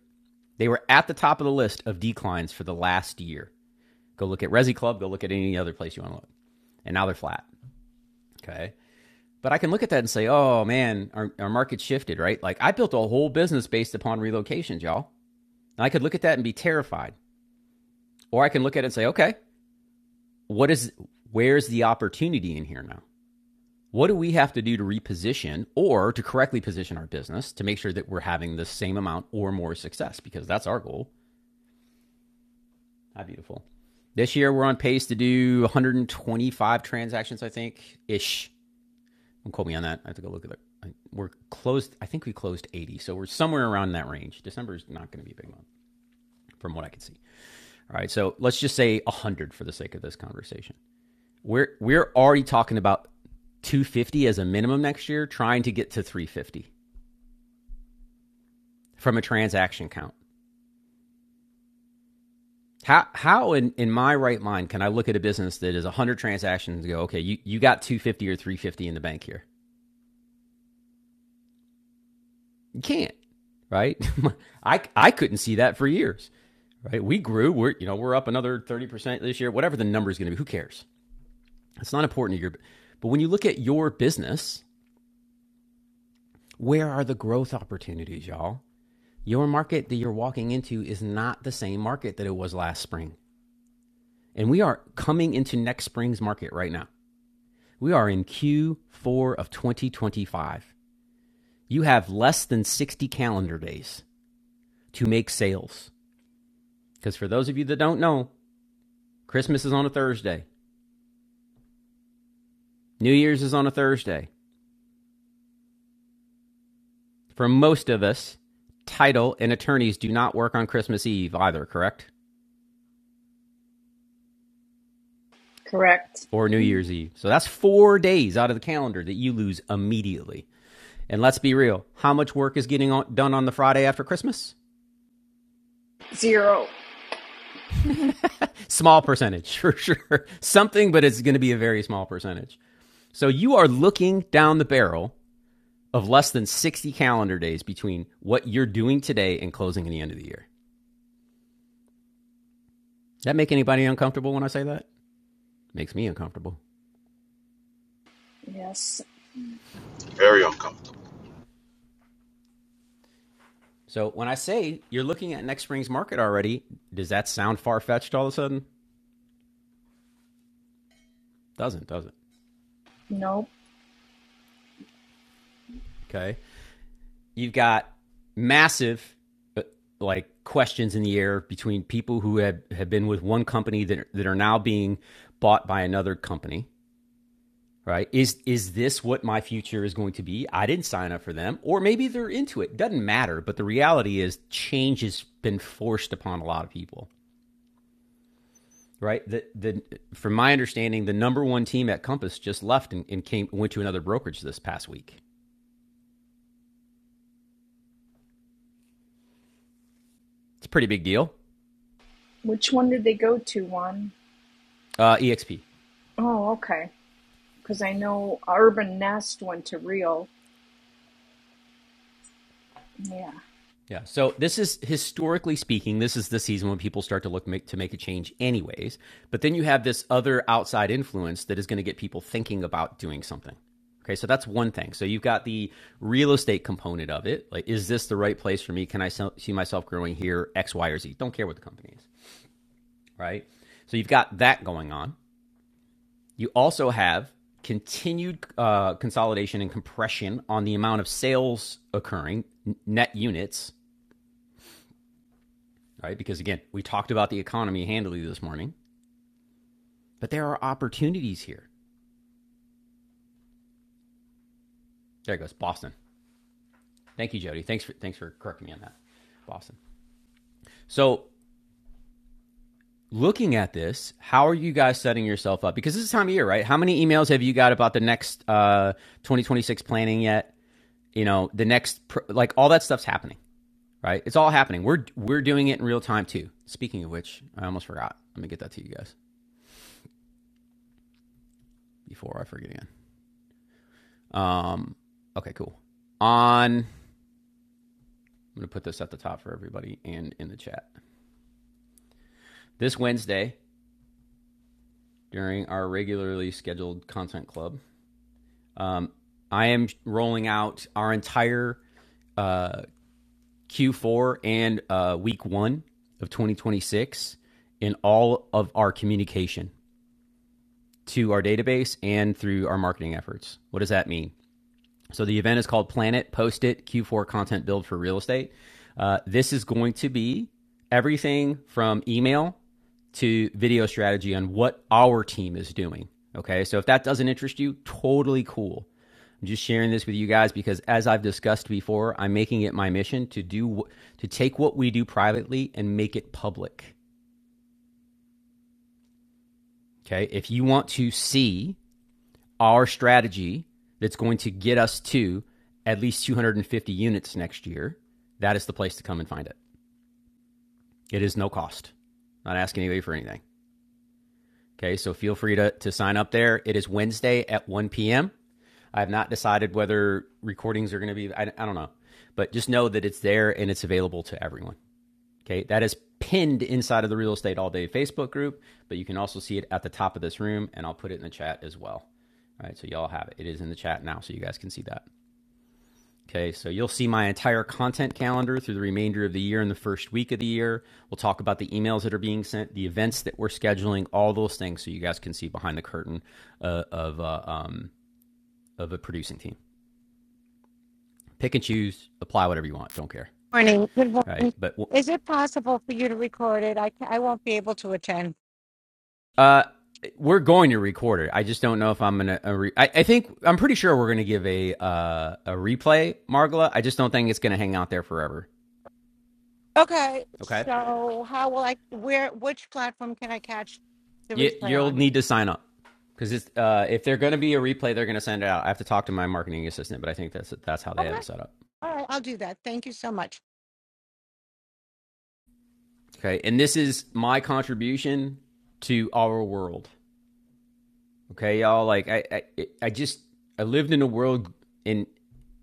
S1: They were at the top of the list of declines for the last year. Go look at Resi Club. Go look at any other place you want to look. And now they're flat. Okay. But I can look at that and say, oh man, our, our market shifted, right? Like I built a whole business based upon relocations, y'all. And I could look at that and be terrified. Or I can look at it and say, okay, what is where's the opportunity in here now? What do we have to do to reposition or to correctly position our business to make sure that we're having the same amount or more success? Because that's our goal. How beautiful. This year we're on pace to do 125 transactions, I think, ish. Don't quote me on that. I have to go look at it. We're closed. I think we closed 80, so we're somewhere around that range. December is not going to be a big month, from what I can see. All right, so let's just say 100 for the sake of this conversation. We're we're already talking about 250 as a minimum next year, trying to get to 350 from a transaction count. How how in, in my right mind can I look at a business that is 100 transactions and go, okay, you, you got 250 or 350 in the bank here? You can't, right? I I couldn't see that for years, right? We grew. We're you know we're up another thirty percent this year. Whatever the number is going to be, who cares? It's not important to your. But when you look at your business, where are the growth opportunities, y'all? Your market that you're walking into is not the same market that it was last spring. And we are coming into next spring's market right now. We are in Q4 of 2025. You have less than 60 calendar days to make sales. Because for those of you that don't know, Christmas is on a Thursday. New Year's is on a Thursday. For most of us, title and attorneys do not work on Christmas Eve either, correct?
S9: Correct.
S1: Or New Year's Eve. So that's four days out of the calendar that you lose immediately. And let's be real, how much work is getting on, done on the Friday after Christmas?
S9: Zero.
S1: Small percentage, for sure. Something, but it's going to be a very small percentage. So you are looking down the barrel of less than 60 calendar days between what you're doing today and closing at the end of the year. Does that make anybody uncomfortable when I say that? Makes me uncomfortable.
S9: Yes.
S7: very uncomfortable.
S1: So when I say you're looking at next spring's market already, does that sound far fetched all of a sudden? Doesn't, does it?
S9: Nope.
S1: Okay. You've got massive uh, like questions in the air between people who have, have been with one company that that are now being bought by another company, right? Is is this what my future is going to be? I didn't sign up for them, or maybe they're into it. Doesn't matter, but the reality is change has been forced upon a lot of people. right? The, the from my understanding, the number one team at Compass just left and, and came went to another brokerage this past week. It's a pretty big deal.
S9: Which one did they go to? One.
S1: Uh, EXP,
S9: Oh, okay. Because I know Urban Nest went to Rio. Yeah.
S1: yeah. So this is historically speaking, this is the season when people start to look make, to make a change, anyways. But then you have this other outside influence that is going to get people thinking about doing something. Okay, so that's one thing. So you've got the real estate component of it. Like, is this the right place for me? Can I sell, see myself growing here? X, Y, or Z. Don't care what the company is, right? So you've got that going on. You also have continued uh, consolidation and compression on the amount of sales occurring, net units, right? Because again, we talked about the economy handily this morning, but there are opportunities here. There it goes, Boston. Thank you, Jody. Thanks for thanks for correcting me on that, Boston. So looking at this, how are you guys setting yourself up? Because this is time of year, right? How many emails have you got about the next uh, 2026 planning yet? You know, the next, like all that stuff's happening. right? It's all happening. We're we're doing it in real time too. Speaking of which, I almost forgot. Let me get that to you guys before I forget again. Um, okay, cool. On I'm gonna put this at the top for everybody and in the chat. This Wednesday, during our regularly scheduled content club, I am rolling out our entire uh, Q4 and uh, week one of 2026 in all of our communication to our database and through our marketing efforts. What does that mean? So the event is called Planet Post It Q4 Content Build for Real Estate. Uh, this is going to be everything from email to video strategy on what our team is doing. Okay, so if that doesn't interest you, totally cool. I'm just sharing this with you guys because, as I've discussed before, I'm making it my mission to do to take what we do privately and make it public. Okay, if you want to see our strategy that's going to get us to at least 250 units next year, that is the place to come and find it. It is no cost. Not asking anybody for anything. Okay, so feel free to, to sign up there. It is Wednesday at 1 p.m. I have not decided whether recordings are going to be, I, I don't know, but just know that it's there and it's available to everyone. Okay, that is pinned inside of the Real Estate All Day Facebook group, but you can also see it at the top of this room, and I'll put it in the chat as well. All right, so y'all have it. It is in the chat now, so you guys can see that. Okay, so you'll see my entire content calendar through the remainder of the year and the first week of the year. We'll talk about the emails that are being sent, the events that we're scheduling, all those things, so you guys can see behind the curtain uh, of uh, um, of a producing team. Pick and choose, apply whatever you want. Don't care,
S13: Morning. Good
S1: all right?
S13: morning.
S1: But
S13: Is it possible for you to record it? I, ca- I won't be able to attend.
S1: uh, we're going to record it. I just don't know if I'm gonna. Uh, I, I think I'm pretty sure we're gonna give a uh, a replay, Margla. I just don't think it's gonna hang out there forever.
S13: Okay.
S1: Okay.
S13: So how will I, where, which platform can I catch the
S1: You,
S13: replay
S1: you'll
S13: on?
S1: need to sign up because it's uh, if they're going to be a replay, they're going to send it out. I have to talk to my marketing assistant, but I think that's that's how they have
S13: Okay.
S1: it set up.
S13: All right. I'll do that. Thank you so much.
S1: Okay, and this is my contribution to our world. Okay, y'all, like I, I, I just I lived in a world in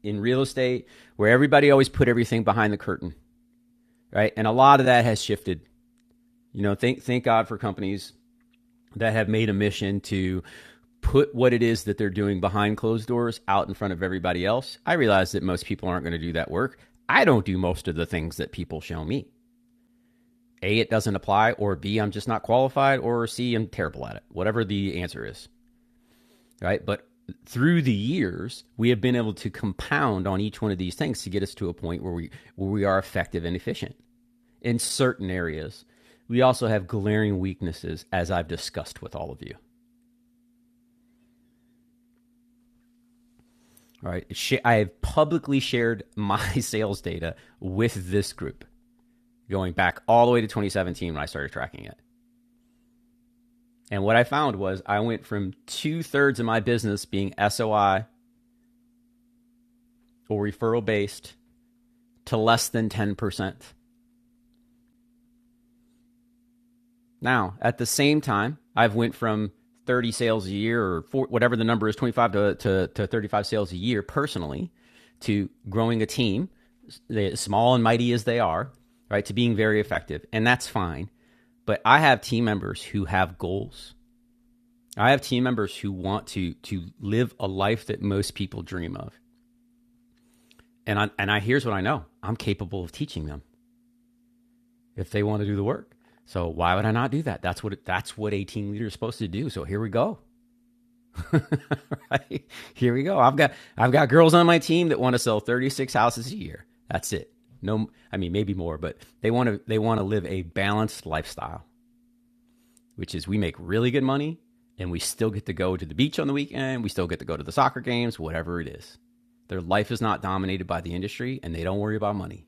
S1: in real estate where everybody always put everything behind the curtain, right? And a lot of that has shifted. You know, thank thank God for companies that have made a mission to put what it is that they're doing behind closed doors out in front of everybody else. I realize that most people aren't going to do that work. I don't do most of the things that people show me. A, it doesn't apply, or B, I'm just not qualified, or C, I'm terrible at it, whatever the answer is. Right. But through the years, we have been able to compound on each one of these things to get us to a point where we where we are effective and efficient in certain areas. We also have glaring weaknesses, as I've discussed with all of you. All right. I have publicly shared my sales data with this group going back all the way to 2017 when I started tracking it. And what I found was I went from two thirds of my business being SOI or referral based to less than 10%. Now, at the same time, I've went from 30 sales a year or four, whatever the number is, 25 to, to, to 35 sales a year personally, to growing a team, they- small and mighty as they are, right, to being very effective. And that's fine. But I have team members who have goals. I have team members who want to to live a life that most people dream of. And I and I here's what I know. I'm capable of teaching them if they want to do the work. So why would I not do that? That's what that's what a team leader is supposed to do. So here we go. right? Here we go. I've got I've got girls on my team that want to sell 36 houses a year. That's it. No, I mean maybe more, but they want to they want to live a balanced lifestyle, which is we make really good money and we still get to go to the beach on the weekend, we still get to go to the soccer games, whatever it is. Their life is not dominated by the industry and they don't worry about money.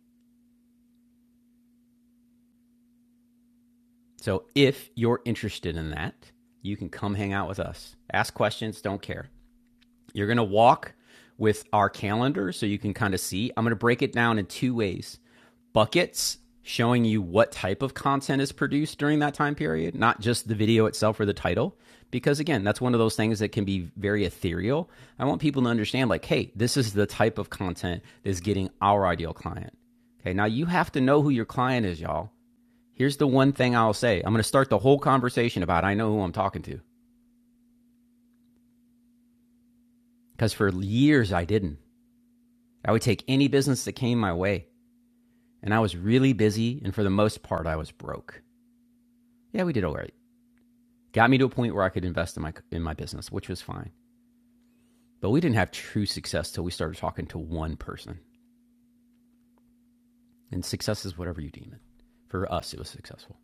S1: So if you're interested in that, you can come hang out with us. Ask questions, don't care. You're going to walk with our calendar so you can kind of see. I'm going to break it down in two ways buckets, showing you what type of content is produced during that time period, not just the video itself or the title. Because again, that's one of those things that can be very ethereal. I want people to understand, like, hey, this is the type of content that's getting our ideal client. Okay, now you have to know who your client is, y'all. Here's the one thing I'll say I'm going to start the whole conversation about I know who I'm talking to. Because for years I didn't. I would take any business that came my way, and I was really busy, and for the most part, I was broke. Yeah, we did all right. Got me to a point where I could invest in my in my business, which was fine. But we didn't have true success till we started talking to one person. And success is whatever you deem it. For us, it was successful.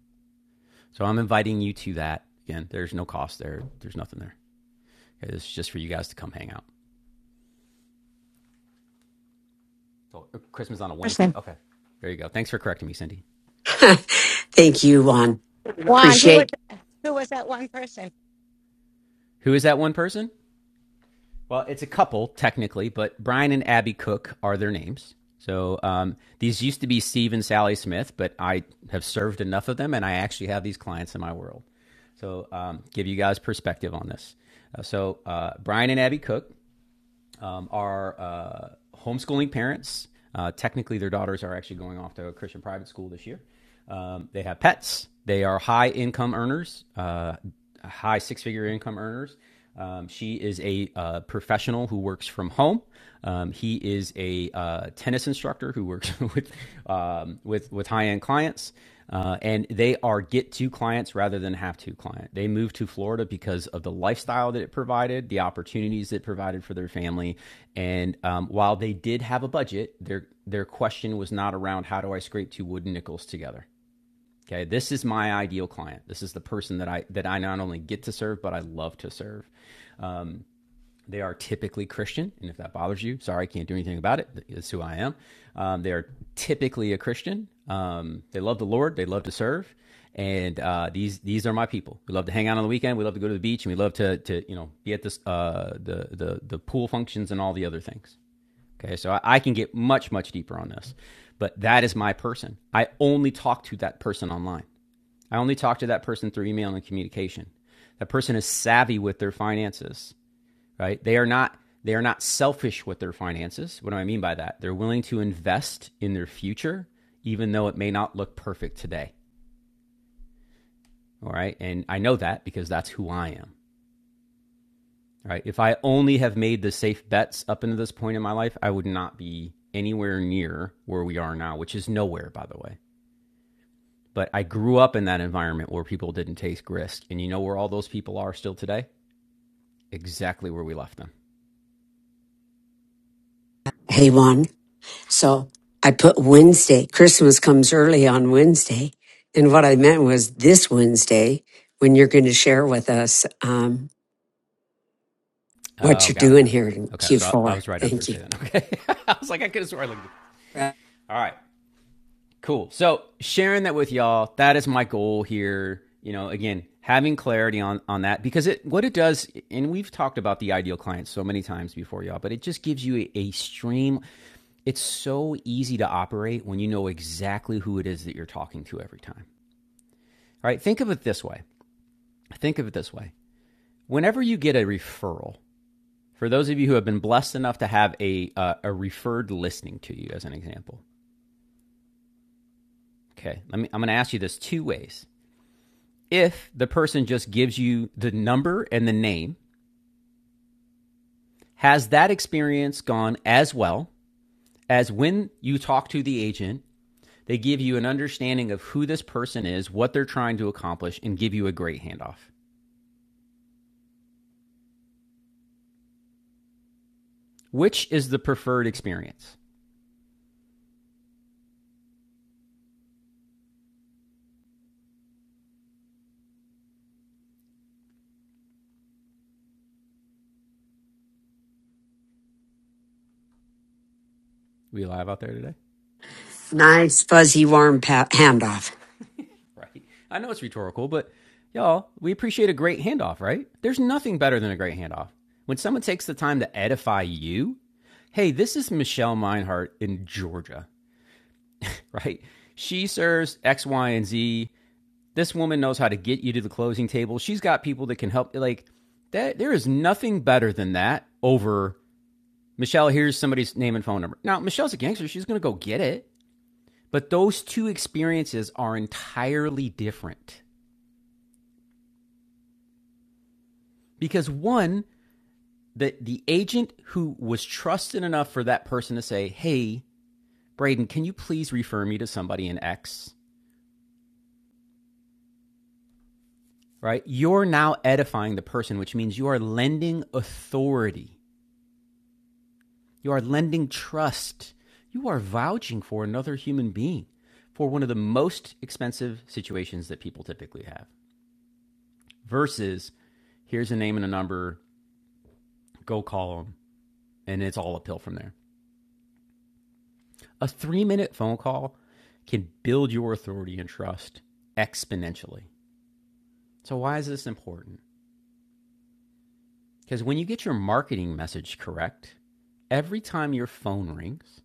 S1: So I'm inviting you to that. Again, there's no cost there. There's nothing there. Okay, this just for you guys to come hang out. So uh, Christmas on a Wednesday.
S13: Person.
S1: Okay. There you go. Thanks for correcting me, Cindy.
S2: Thank you, Juan.
S13: Juan, who was,
S2: Appreciate.
S13: who was that one person?
S1: Who is that one person? Well, it's a couple technically, but Brian and Abby Cook are their names. So um, these used to be Steve and Sally Smith, but I have served enough of them, and I actually have these clients in my world. So um, give you guys perspective on this. Uh, so uh, Brian and Abby Cook um, are uh, homeschooling parents. Uh, technically, their daughters are actually going off to a Christian private school this year. Um, they have pets. They are high income earners, uh, high six figure income earners. Um, she is a uh, professional who works from home. Um, he is a uh, tennis instructor who works with um, with with high end clients. Uh, and they are get to clients rather than have to client. They moved to Florida because of the lifestyle that it provided, the opportunities it provided for their family. And um, while they did have a budget, their their question was not around how do I scrape two wooden nickels together. Okay, this is my ideal client. This is the person that I that I not only get to serve but I love to serve. They are typically Christian, and if that bothers you, sorry, I can't do anything about it. That's who I am. Um, they are typically a Christian. Um, they love the Lord. They love to serve, and uh, these these are my people. We love to hang out on the weekend. We love to go to the beach, and we love to to you know be at this uh, the the the pool functions and all the other things. Okay, so I, I can get much much deeper on this, but that is my person. I only talk to that person online. I only talk to that person through email and communication. That person is savvy with their finances right? They are not they are not selfish with their finances. What do I mean by that? They're willing to invest in their future even though it may not look perfect today. All right? And I know that because that's who I am. Right? If I only have made the safe bets up until this point in my life, I would not be anywhere near where we are now, which is nowhere by the way. But I grew up in that environment where people didn't take risk. And you know where all those people are still today? Exactly where we left them.
S2: Hey, Juan. So I put Wednesday. Christmas comes early on Wednesday. And what I meant was this Wednesday when you're going to share with us. Um, what
S1: Oh,
S2: you're
S1: got it,
S2: doing
S1: got it.
S2: here in
S1: Okay, so I, I
S2: Q4.
S1: was right on
S2: Thank you.
S1: Thursday then. Okay, I was like, I could have sworn I looked. at it. All right, cool. So sharing that with y'all, that is my goal here. You know, again, having clarity on on that because it what it does, and we've talked about the ideal client so many times before, y'all, but it just gives you a, a stream. It's so easy to operate when you know exactly who it is that you're talking to every time. All right, think of it this way. Think of it this way. Whenever you get a referral, for those of you who have been blessed enough to have a uh, a referred listening to you as an example okay let me i'm going to ask you this two ways if the person just gives you the number and the name has that experience gone as well as when you talk to the agent they give you an understanding of who this person is what they're trying to accomplish and give you a great handoff which is the preferred experience Are we live out there today
S2: Nice, fuzzy, warm pa- handoff.
S1: Right. I know it's rhetorical, but y'all, we appreciate a great handoff, right? There's nothing better than a great handoff. When someone takes the time to edify you, hey, this is Michelle Meinhardt in Georgia, right? She serves X, Y, and Z. This woman knows how to get you to the closing table. She's got people that can help. Like, that, there is nothing better than that over Michelle, here's somebody's name and phone number. Now, Michelle's a gangster. She's going to go get it. But those two experiences are entirely different because one the the agent who was trusted enough for that person to say, "Hey, Braden, can you please refer me to somebody in X?" Right? You're now edifying the person, which means you are lending authority. You are lending trust. You are vouching for another human being for one of the most expensive situations that people typically have. Versus, here's a name and a number, go call them, and it's all uphill from there. A three minute phone call can build your authority and trust exponentially. So, why is this important? Because when you get your marketing message correct, every time your phone rings,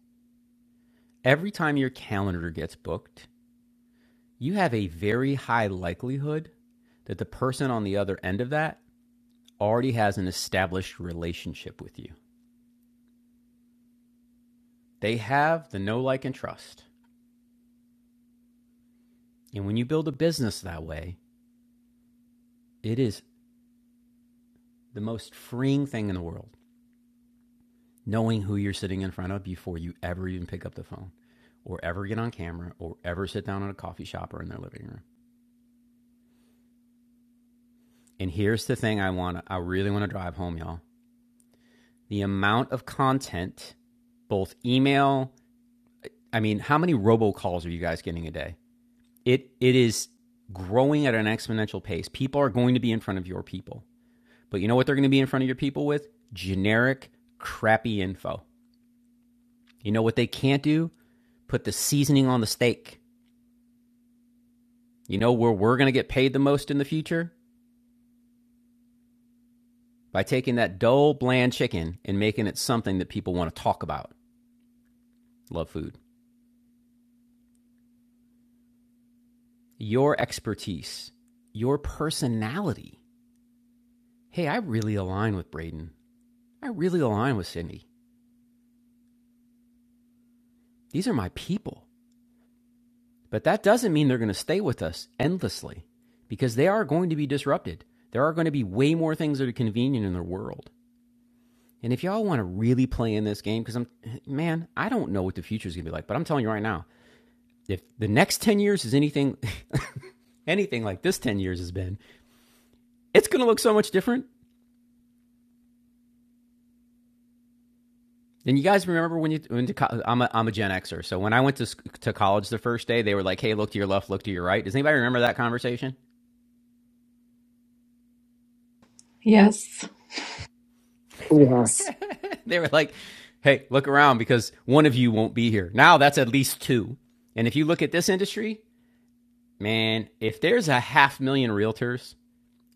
S1: every time your calendar gets booked, you have a very high likelihood that the person on the other end of that already has an established relationship with you. They have the know, like, and trust. And when you build a business that way, it is the most freeing thing in the world. knowing who you're sitting in front of before you ever even pick up the phone or ever get on camera or ever sit down at a coffee shop or in their living room. And here's the thing I want to, I really want to drive home y'all. The amount of content, both email, I mean, how many robocalls are you guys getting a day? It it is growing at an exponential pace. People are going to be in front of your people. But you know what they're going to be in front of your people with? Generic crappy info. You know what they can't do? Put the seasoning on the steak. You know where we're going to get paid the most in the future? By taking that dull, bland chicken and making it something that people want to talk about. Love food. Your expertise, your personality. Hey, I really align with Braden. I really align with Cindy. These are my people. But that doesn't mean they're going to stay with us endlessly because they are going to be disrupted. There are going to be way more things that are convenient in their world. And if y'all want to really play in this game, because I'm, man, I don't know what the future is going to be like, but I'm telling you right now, if the next 10 years is anything anything like this 10 years has been, it's going to look so much different. And you guys remember when you went to college? I'm a, I'm a Gen Xer. So when I went to, to college the first day, they were like, hey, look to your left, look to your right. Does anybody remember that conversation?
S14: Yes.
S2: Yes.
S1: they were like, hey, look around because one of you won't be here. Now that's at least two. And if you look at this industry, man, if there's a half million realtors,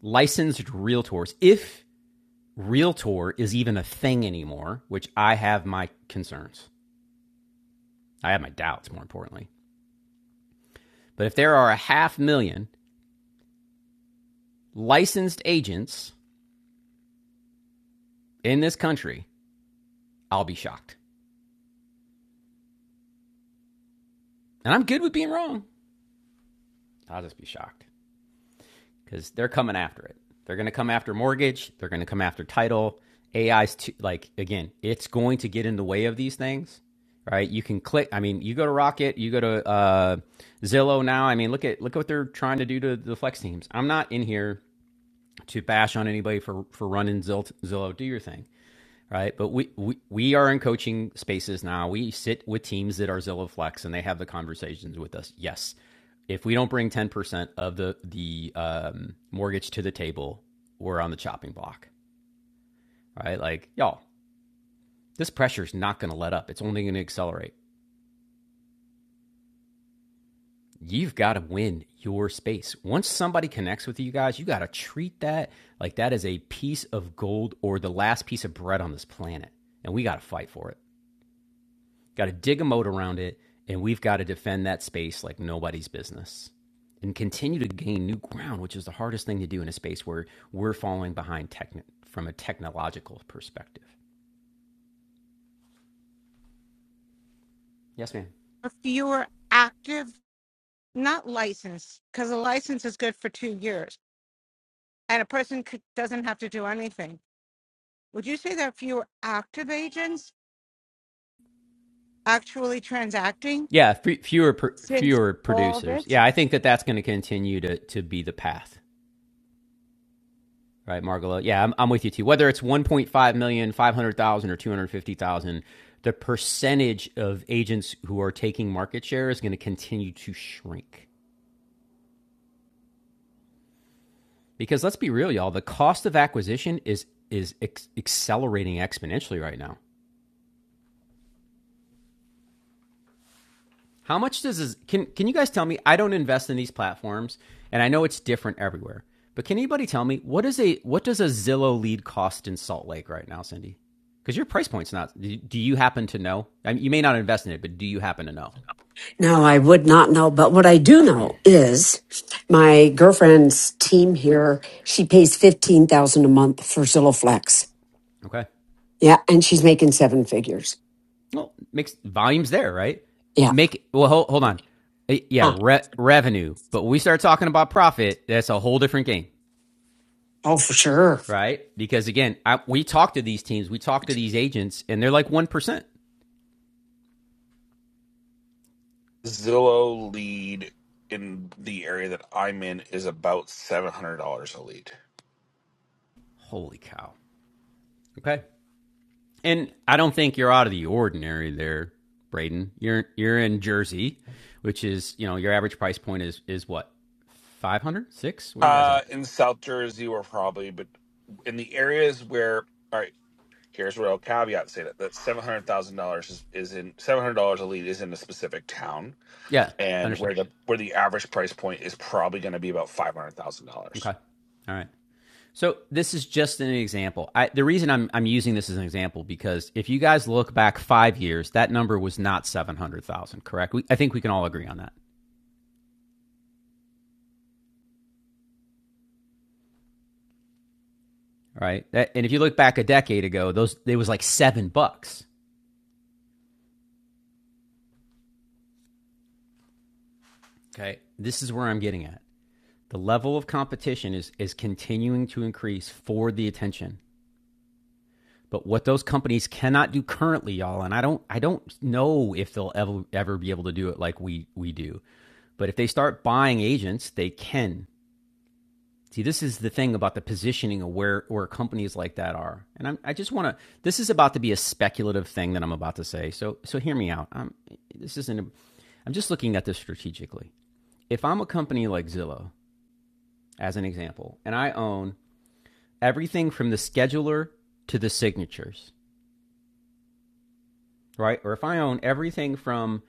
S1: licensed realtors, if realtor is even a thing anymore, which I have my concerns. I have my doubts, more importantly. But if there are a half million licensed agents in this country, I'll be shocked. And I'm good with being wrong. I'll just be shocked because they're coming after it. They're going to come after mortgage, they're going to come after title. AI's too, like, again, it's going to get in the way of these things right? You can click. I mean, you go to Rocket, you go to uh, Zillow now. I mean, look at look what they're trying to do to the flex teams. I'm not in here to bash on anybody for for running Zillow. Do your thing, right? But we, we we are in coaching spaces now. We sit with teams that are Zillow Flex, and they have the conversations with us. Yes, if we don't bring ten percent of the the um, mortgage to the table, we're on the chopping block, right? Like y'all, this pressure is not going to let up. It's only going to accelerate. you've got to win your space. Once somebody connects with you guys, you got to treat that like that is a piece of gold or the last piece of bread on this planet. And we got to fight for it. Got to dig a moat around it. And we've got to defend that space like nobody's business and continue to gain new ground, which is the hardest thing to do in a space where we're falling behind techni- from a technological perspective. Yes, ma'am.
S13: If you were active, not licensed, because a license is good for two years and a person could, doesn't have to do anything. Would you say that if you were active agents actually transacting
S1: Yeah, f- fewer pr-
S13: since
S1: fewer
S13: all
S1: producers.
S13: this?
S1: Yeah, I think that that's going to continue to to be the path. Right, Margolo. Yeah, I'm, I'm with you too. Whether it's 1.5 million, 500,000, or 250,000, the percentage of agents who are taking market share is going to continue to shrink. Because let's be real, y'all, the cost of acquisition is is ex- accelerating exponentially right now. How much does this, can can you guys tell me? I don't invest in these platforms, and I know it's different everywhere. But can anybody tell me what is a what does a Zillow lead cost in Salt Lake right now, Cindy? Because your price point's not. Do you happen to know? I mean, you may not invest in it, but do you happen to know?
S2: No, I would not know. But what I do know is my girlfriend's team here, she pays 15000 a month for Zillow Flex.
S1: Okay.
S2: Yeah. And she's making seven figures.
S1: Well, makes volumes there, right?
S2: Yeah.
S1: Make well. Hold, hold on. Uh, Yeah,
S2: Huh.
S1: re- revenue. But when we start talking about profit, that's a whole different game,
S2: Oh, for sure.
S1: right? Because again, I, we talk to these teams, we talk to these agents, and they're like one percent.
S11: Zillow lead in the area that I'm in is about seven hundred dollars a lead.
S1: Holy cow! Okay. And I don't think you're out of the ordinary there, Braden. You're you're in Jersey, which is, you know, your average price point is is what? 500? 6? Where are you guys
S11: Uh,
S1: at?
S11: in South Jersey, we're probably, but in the areas where, all right, here's where I'll caveat say that that seven hundred thousand dollars is is in seven hundred dollars a lead is in a specific town.
S1: Yeah,
S11: and
S1: understood.
S11: where the where the average price point is probably going to be about five hundred thousand
S1: Okay.
S11: dollars.
S1: All right. So this is just an example. I, the reason I'm I'm using this as an example because if you guys look back 5 years, that number was not 700,000, correct? We, I think we can all agree on that, right? That, and if you look back a decade ago, those it was like 7 bucks. Okay. This is where I'm getting at The level of competition is, is continuing to increase for the attention. But what those companies cannot do currently, y'all, and I don't I don't know if they'll ever ever be able to do it like we we do. But if they start buying agents, they can. See, this is the thing about the positioning of where, where companies like that are. And I'm, i just want to, this is about to be a speculative thing that I'm about to say. So, so hear me out. I'm, this isn't, a, I'm just looking at this strategically. If I'm a company like Zillow, as an example, and I own everything from the scheduler to the signatures, right? Or if I own everything from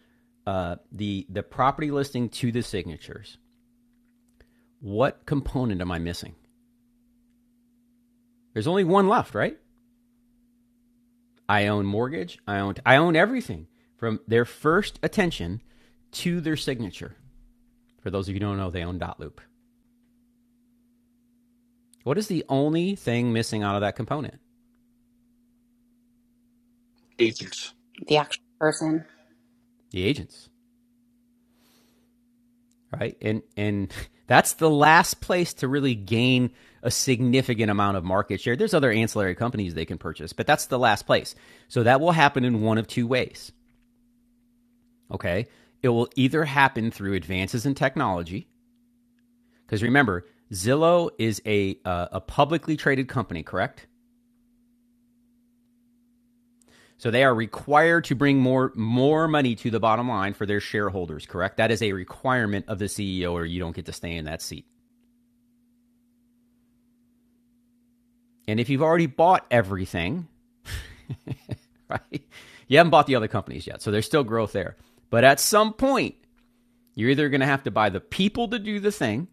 S1: uh, the the property listing to the signatures, what component am I missing? There's only one left, right? I own mortgage. I own I own everything from their first attention to their signature. For those of you who don't know, they own Dot Loop. What is the only thing missing out of that component?
S11: Agents,
S4: the actual person,
S1: The agents. right? And and that's the last place to really gain a significant amount of market share. There's other ancillary companies they can purchase, but that's the last place. So that will happen in one of two ways. Okay? It will either happen through advances in technology, because remember, Zillow is a uh, a publicly traded company, correct? So they are required to bring more more money to the bottom line for their shareholders, correct? That is a requirement of the CEO or you don't get to stay in that seat. And if you've already bought everything, right? You haven't bought the other companies yet, so there's still growth there. But at some point, you're either going to have to buy the people to do the thing,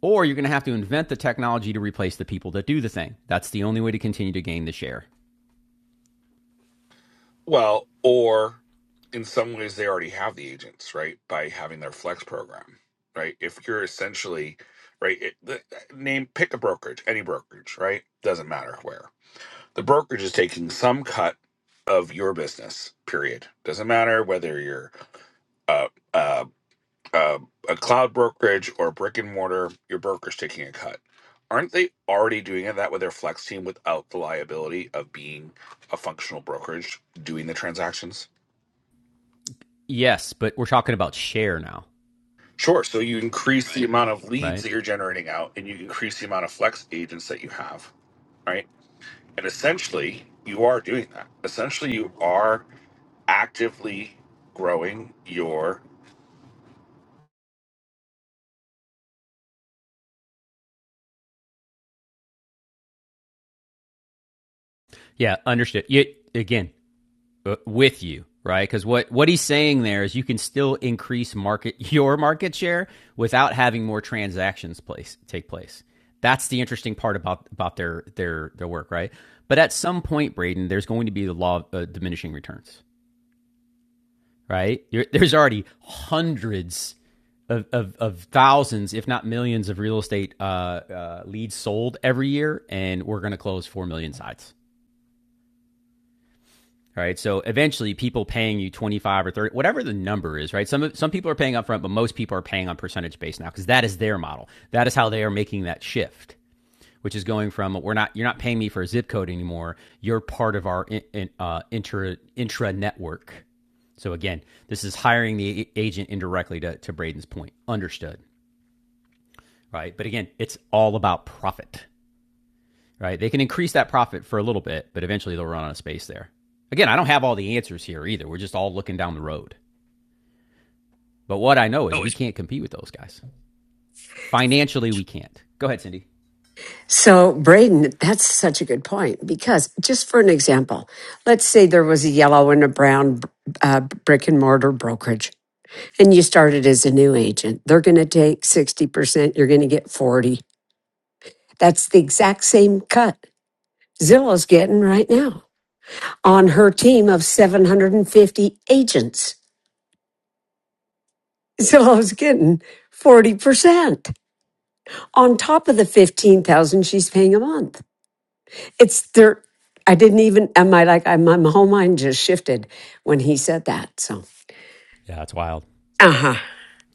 S1: or you're going to have to invent the technology to replace the people that do the thing. That's the only way to continue to gain the share.
S11: well, or in some ways they already have the agents right by having their flex program, right? If you're essentially right, it, the, name pick a brokerage, any brokerage, right? Doesn't matter where the brokerage is taking some cut of your business. Period. Doesn't matter whether you're a a uh, a cloud brokerage or a brick and mortar, your broker's taking a cut. Aren't they already doing that with their flex team without the liability of being a functional brokerage doing the transactions?
S1: Yes, but we're talking about share now,
S11: Sure. So you increase the amount of leads
S1: right?
S11: that you're generating out and you increase the amount of flex agents that you have, right? And essentially, you are doing that. Essentially, you are actively growing your
S1: Yeah, understood. You, again, uh, with you, right? Because what what he's saying there is you can still increase market your market share without having more transactions place take place. That's the interesting part about about their their their work, right? But at some point, Braden, there's going to be the law of uh, diminishing returns, right? You're, there's already hundreds. Of, of, of thousands, if not millions, of real estate uh, uh, leads sold every year, and we're going to close four million sites. right? So eventually, people paying you twenty five or thirty, whatever the number is, right? Some some people are paying upfront, but most people are paying on percentage base now because that is their model. That is how they are making that shift, which is going from we're not you're not paying me for a zip code anymore. You're part of our in, in, uh, intra intra network. So again, this is hiring the agent indirectly to, to Braden's point. Understood, right? But again, it's all about profit right? They can increase that profit for a little bit, but eventually they'll run out of space there. Again, I don't have all the answers here either. We're just all looking down the road. But what I know is
S2: Oh,
S1: we
S2: it's
S1: can't compete with those guys. Financially, we can't. Go ahead, Cindy.
S2: So, Braden, that's such a good point because, just for an example, let's say there was a yellow and a brown uh, brick and mortar brokerage. And you started as a new agent. They're going to take 60%, you're going to get 40. That's the exact same cut Zillow's getting right now on her team of 750 agents. Zillow's getting 40% on top of the 15,000 she's paying a month. It's their. I didn't even am I like I my my whole mind just shifted when he said that. So,
S1: Yeah, it's wild.
S2: uh-huh.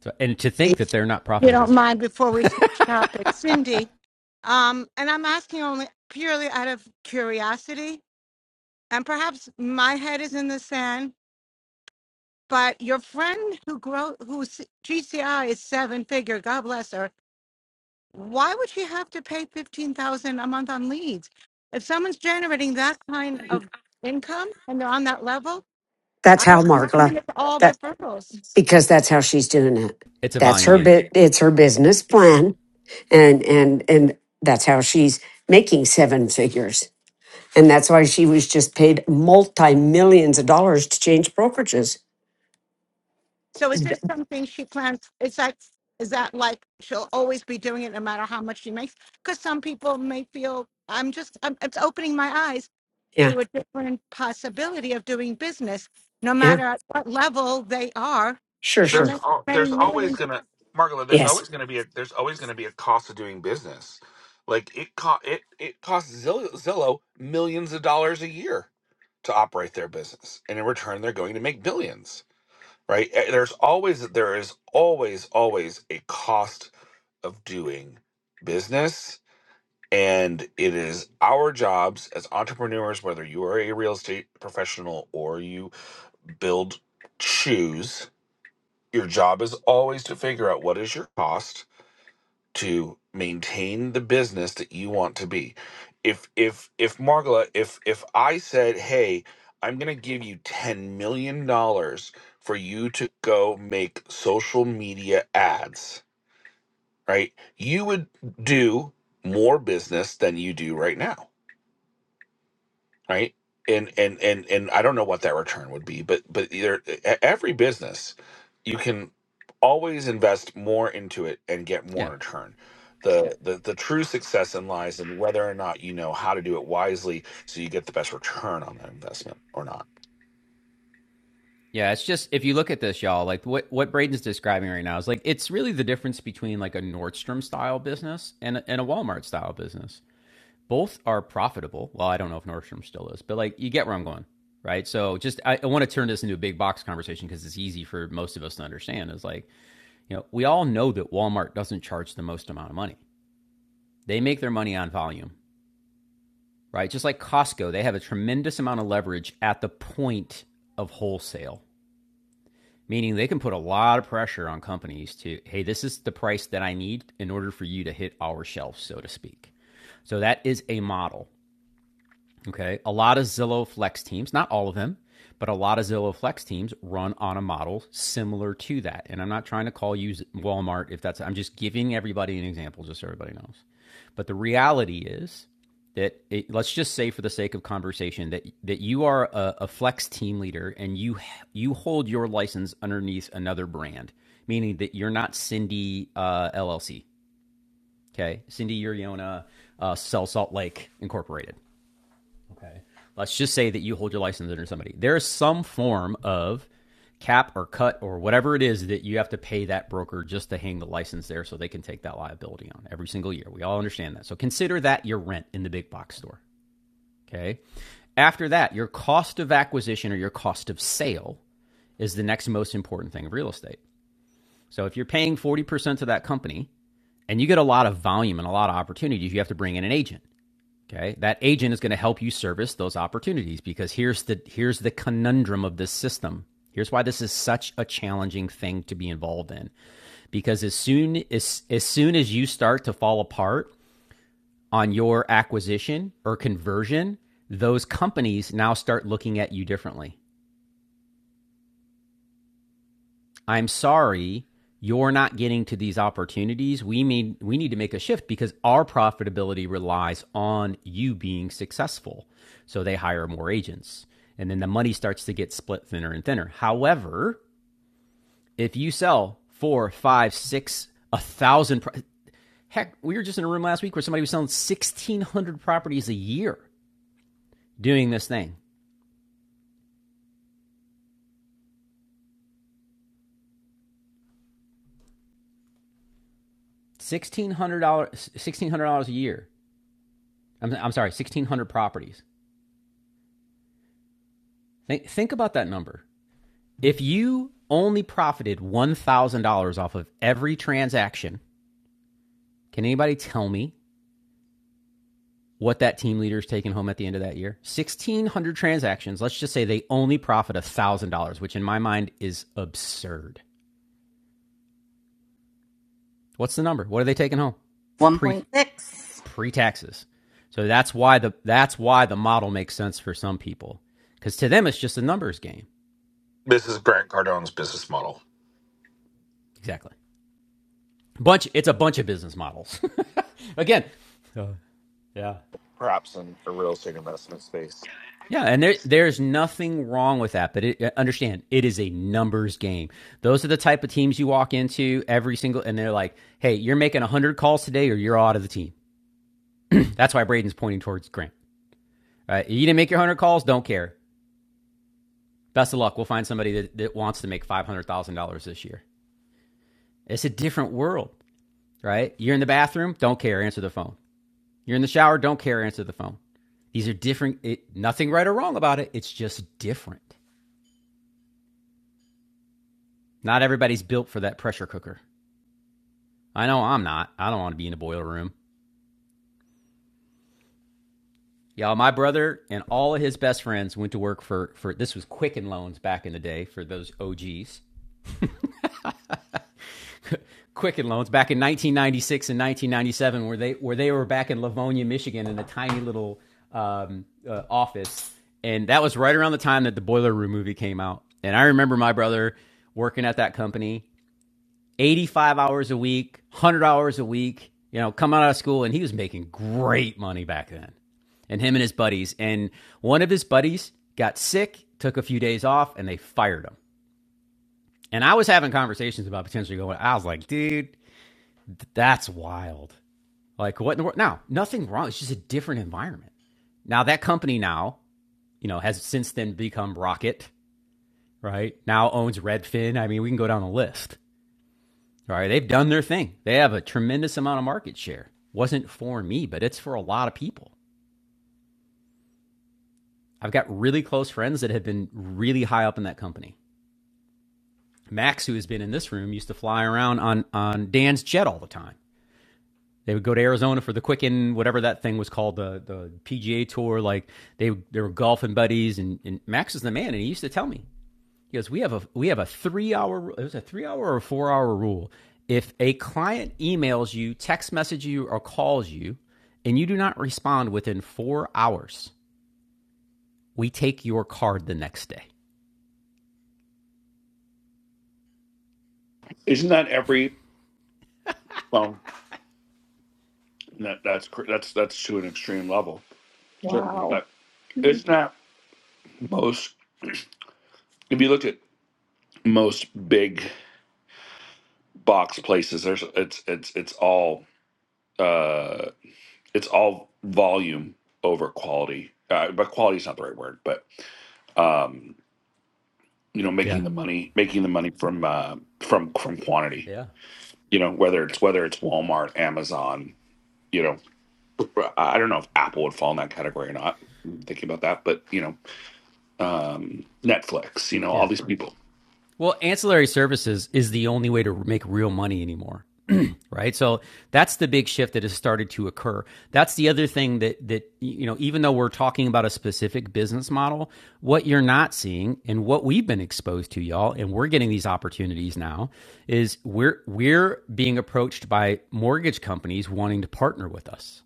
S1: So, and to think
S13: If
S1: that they're not
S13: you don't
S1: profitable,
S13: mind, before we switch topics, Cindy, um, and I'm asking only purely out of curiosity, and perhaps my head is in the sand, but your friend who grow whose GCI is seven figure, God bless her. Why would she have to pay fifteen thousand a month on leads? If someone's generating that kind of income and they're on that level,
S2: That's
S13: I
S2: how
S13: would
S2: Margla
S13: imagine it's all
S2: that
S13: referrals.
S2: because that's how she's doing it.
S1: it's a
S2: That's
S1: volume
S2: her
S1: game.
S2: bit it's her business
S1: Yeah.
S2: plan and and and that's how she's making seven figures and that's why she was just paid multi millions of dollars to change brokerages
S13: So is this something she plans? Is that is that like she'll always be doing it no matter how much she makes? Because some people may feel I'm just I'm, it's opening my eyes
S2: yeah
S13: to a different possibility of doing business, no
S2: yeah
S13: matter at what level they are.
S2: sure
S13: How
S11: there's
S2: sure
S13: much
S11: al-
S13: many
S11: there's always
S13: millions?
S11: gonna Margola, there's
S2: yes
S11: always gonna be a there's always gonna be a cost of doing business. Like it co- it it costs Zillow, Zillow millions of dollars a year to operate their business, and in return, they're going to make billions, right? Eh, There's always there is always always a cost of doing business, and it is our jobs as entrepreneurs, whether you are a real estate professional or you build shoes your job is always to figure out what is your cost to maintain the business that you want to be. If if if Margola, if if I said, "Hey, I'm going to give you 10 million dollars for you to go make social media ads," right? You would do more business than you do right now right? And and and and I don't know what that return would be, but but either e- every business you can always invest more into it and get more
S1: Yeah.
S11: in return. The, the the true success in lies in whether or not you know how to do it wisely so you get the best return on that investment or not.
S1: Yeah. It's just, if you look at this, y'all, like what, what Braden's describing right now is like, it's really the difference between like a Nordstrom style business and, a- and a Walmart style business. both are profitable. Well, I don't know if Nordstrom still is, but like you get where I'm going, right? So just I, I want to turn this into a big box conversation because it's easy for most of us to understand. Is like you know we all know that Walmart doesn't charge the most amount of money. They make their money on volume, right? Just like Costco, they have a tremendous amount of leverage at the point of wholesale, meaning they can put a lot of pressure on companies to hey, this is the price that I need in order for you to hit our shelves, so to speak. So that is a model. Okay. A lot of Zillow Flex teams, not all of them, but a lot of Zillow Flex teams run on a model similar to that. And I'm not trying to call you Walmart if that's, I'm just giving everybody an example, just so everybody knows. But the reality is that it, let's just say for the sake of conversation that, that you are a, a Flex team leader and you, you hold your license underneath another brand, meaning that you're not Cindy uh, LLC. Okay. Cindy Uriona, uh, Sell Salt Lake Incorporated. Okay. Let's just say that you hold your license under somebody. There is some form of cap or cut or whatever it is that you have to pay that broker just to hang the license there so they can take that liability on every single year. We all understand that. So consider that your rent in the big box store. Okay. After that, your cost of acquisition or your cost of sale is the next most important thing of real estate. So if you're paying 40% to that company and you get a lot of volume and a lot of opportunities, you have to bring in an agent. Okay, that agent is going to help you service those opportunities because here's the here's the conundrum of this system. Here's why this is such a challenging thing to be involved in because as soon as as soon as you start to fall apart on your acquisition or conversion, those companies now start looking at you differently. I'm sorry, you're not getting to these opportunities. We mean we need to make a shift because our profitability relies on you being successful. So they hire more agents. And then the money starts to get split thinner and thinner. However, if you sell four, five, six, a thousand, pro- heck, we were just in a room last week where somebody was selling 1,600 properties a year doing this thing. $1,600, $1,600 a year. I'm, I'm sorry, 1,600 properties. Think, think about that number. If you only profited $1,000 off of every transaction, can anybody tell me what that team leader is taking home at the end of that year? 1,600 transactions. Let's just say they only profit $1,000, which in my mind is absurd. What's the number? What are they taking home? Pre
S4: 1.6.
S1: pre taxes. So that's why the that's why the model makes sense for some people because to them it's just a numbers game.
S11: This is Grant Cardone's business model.
S1: Exactly. Bunch. It's a bunch of business models. Again. Uh, yeah.
S11: Perhaps in the real estate investment space.
S1: Yeah, and there there's nothing wrong with that, but it, uh, understand it is a numbers game. Those are the type of teams you walk into every single, and they're like, "Hey, you're making one hundred calls today, or you're out of the team." That's why Braden's pointing towards Grant. Right? You didn't make your one hundred calls, don't care. Best of luck. We'll find somebody that, that wants to make five hundred thousand dollars this year. It's a different world, right? You're in the bathroom, don't care. Answer the phone. You're in the shower, don't care. Answer the phone. These are different. It, nothing right or wrong about it. It's just different. Not everybody's built for that pressure cooker. I know I'm not. I don't want to be in a boiler room. Y'all, my brother and all of his best friends went to work for, for this was Quicken Loans back in the day for those OGs. Quicken Loans back in 1996 and 1997, where they where they were back in Livonia, Michigan, in a tiny little um, uh, office, and that was right around the time that the Boiler Room movie came out. And I remember my brother working at that company, 85 hours a week, 100 hours a week, you know, coming out of school. And he was making great money back then. And him and his buddies. And one of his buddies got sick, took a few days off, and they fired him. And I was having conversations about potentially going, I was like, dude, that's wild. Like, what in the world? Now, nothing wrong. It's just a different environment. Now, that company now, you know, has since then become Rocket, right? Now owns Redfin. I mean, we can go down the list. All right, they've done their thing. They have a tremendous amount of market share. Wasn't for me, but it's for a lot of people. I've got really close friends that have been really high up in that company. Max, who has been in this room, used to fly around on, on Dan's jet all the time. They would go to Arizona for the Quicken, whatever that thing was called, the, the PGA Tour. Like they, they were golfing buddies, and, and Max is the man. And he used to tell me, He goes, we have a we have a three hour it was a three hour or four hour rule. If a client emails you, text messages you, or calls you, and you do not respond within four hours, we take your card the next day.
S11: Isn't that every well? That, that's cr- that's that's to an extreme level, certainly.
S9: Wow.
S11: But isn't that most? If you look at most big box places. There's it's it's it's all uh it's all volume over quality. Uh, but quality is not the right word, but um you know
S1: Yeah.
S11: making the money making the money from uh from from quantity.
S1: Yeah.
S11: You know whether it's whether it's Walmart, Amazon. You know I don't know if Apple would fall in that category or not. I'm thinking about that, but you know um Netflix. You know all
S1: Yeah.
S11: these people.
S1: Well, ancillary services is the only way to make real money anymore. right so that's the big shift that has started to occur that's the other thing that that you know even though we're talking about a specific business model what you're not seeing and what we've been exposed to y'all and we're getting these opportunities now is we're we're being approached by mortgage companies wanting to partner with us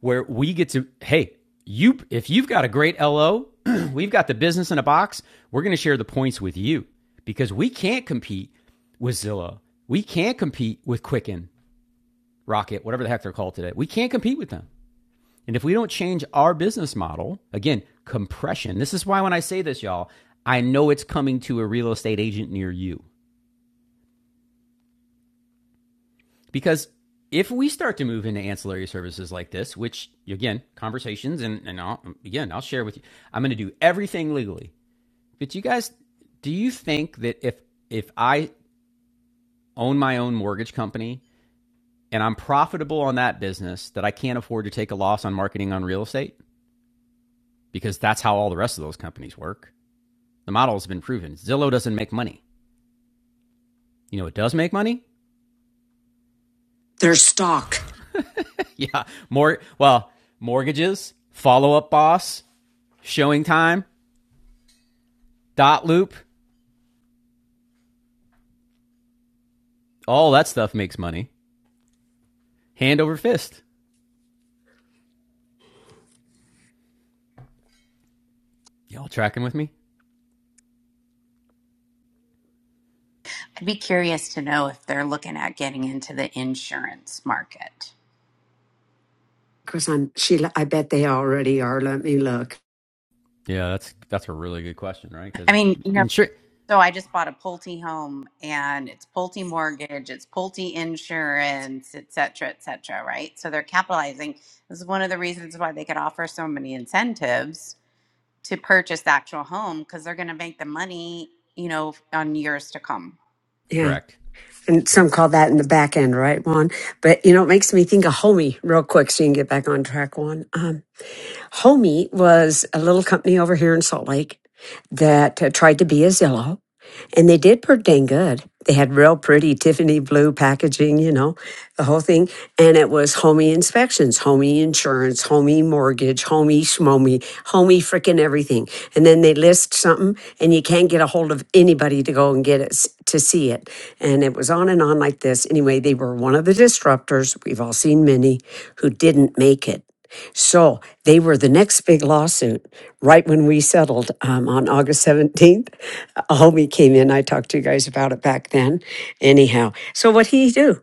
S1: where we get to hey you if you've got a great LO we've got the business in a box we're going to share the points with you because we can't compete with Zillow we can't compete with Quicken Rocket, whatever the heck they're called today. We can't compete with them. And if we don't change our business model, again, compression. This is why when I say this, y'all, I know it's coming to a real estate agent near you. Because if we start to move into ancillary services like this, which again, conversations and, and I'll, again, I'll share with you, I'm going to do everything legally. But you guys, do you think that if if I own my own mortgage company and I'm profitable on that business, that I can't afford to take a loss on marketing on real estate? because that's how all the rest of those companies work. The model has been proven. Zillow doesn't make money. You know, it does make money.
S2: their stock
S1: yeah, more well, mortgages, follow up boss, showing time, dot loop, all that stuff makes money. Hand over fist. Y'all tracking with me?
S4: I'd be curious to know if they're looking at getting into the insurance market.
S2: because i'm she i bet they already are let me look
S1: Yeah, that's that's a really good question, right?
S4: I
S1: Because
S4: mean, you know,
S1: insure,
S4: so I just bought a Pulte home and it's Pulte mortgage, it's Pulte insurance, et cetera, et cetera, right? So they're capitalizing. This is one of the reasons why they could offer so many incentives to purchase the actual home because they're going to make the money, you know, on years to come.
S2: yeah
S1: correct.
S2: and
S1: Yep.
S2: some call that in the back end right juan but you know it makes me think of Homey real quick so you can get back on track Juan. um homie was a little company over here in salt lake that uh, tried to be a zillow And they did pretty dang good. They had real pretty Tiffany blue packaging, you know, the whole thing. And it was homey inspections, homey insurance, homey mortgage, homey schmomy, homey freaking everything. And then they list something and you can't get a hold of anybody to go and get it s- to see it. And it was on and on like this. Anyway, they were one of the disruptors. We've all seen many who didn't make it. So they were the next big lawsuit right when we settled um, on August 17th. Homie came in. I talked to you guys about it back then. Anyhow, so what did he do?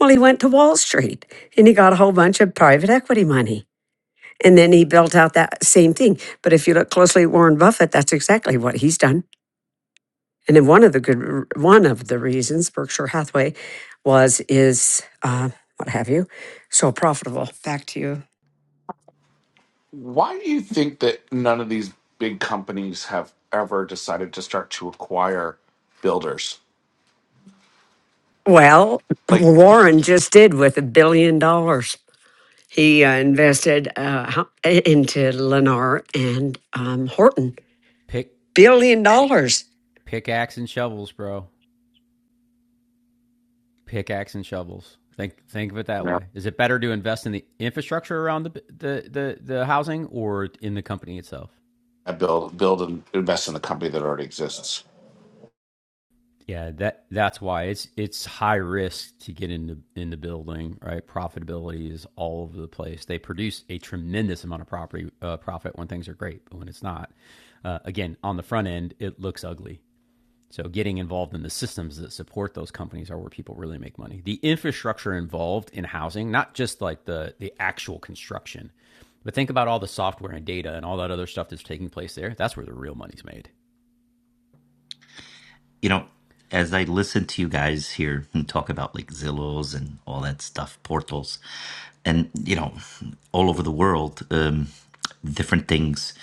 S2: Well, he went to Wall Street and he got a whole bunch of private equity money. And then he built out that same thing. But if you look closely at Warren Buffett, that's exactly what he's done. And then one of the good, r- one of the reasons Berkshire Hathaway was is uh, what have you, so profitable. Back to you.
S11: Why do you think that none of these big companies have ever decided to start to acquire builders?
S2: Well,
S11: like
S2: Warren just did with a billion dollars. He uh, invested uh, ho- into Lennar and um, Horton,
S1: Pick
S2: billion dollars.
S1: pickaxe and shovels, bro. Pickaxe and shovels. Think think of it that
S11: you know,
S1: way. Is it better to invest in the infrastructure around the the the, the housing or in the company itself?
S11: I build build and invest in the company that already exists.
S1: Yeah, that that's why it's it's high risk to get into in the building, right? Profitability is all over the place. They produce a tremendous amount of property uh, profit when things are great, but when it's not, uh, again, on the front end, it looks ugly. So getting involved in the systems that support those companies are where people really make money. The infrastructure involved in housing, not just like the the actual construction, but think about all the software and data and all that other stuff that's taking place there. That's where the real money's made.
S15: you know, as I listen to you guys here and talk about like Zillows and all that stuff, portals, and you know, all over the world, um, different things,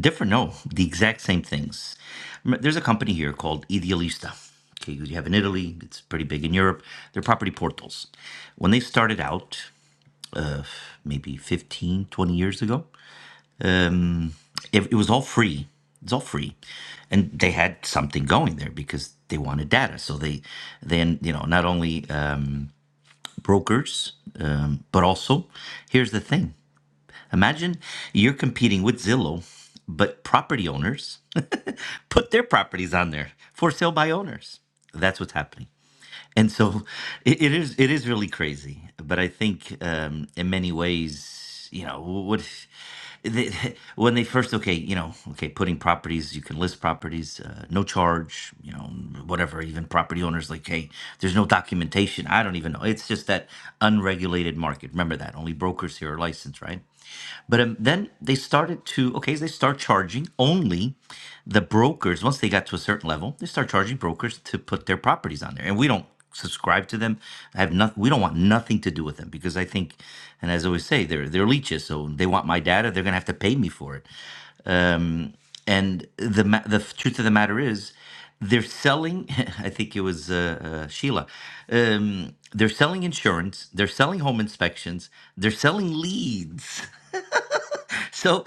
S15: different, no, the exact same things. M- There's a company here called Idealista. Okay, you have in Italy, it's pretty big in Europe. They're property portals. When they started out, maybe 15, 20 years ago, It, it was all free. It's all free, and they had something going there because they wanted data. So they then you know not only uh, brokers, um, but also here's the thing: imagine you're competing with Zillow, but property owners put their properties on there for sale by owners. That's what's happening and so it, it is it is really crazy but i think um in many ways you know what they, when they first okay you know okay putting properties you can list properties uh, no charge you know whatever even property owners like hey there's no documentation i don't even know it's just that unregulated market remember that only brokers here are licensed right but um, then they started to, okay, they start charging only the brokers. Once they got to a certain level, they start charging brokers to put their properties on there. And we don't subscribe to them. I have not, we don't want nothing to do with them because I think, and as I always say, they're, they're leeches. So they want my data. They're going to have to pay me for it. And the, ma- the truth of the matter is, they're selling i think it was uh, uh, sheila um, they're selling insurance they're selling home inspections they're selling leads so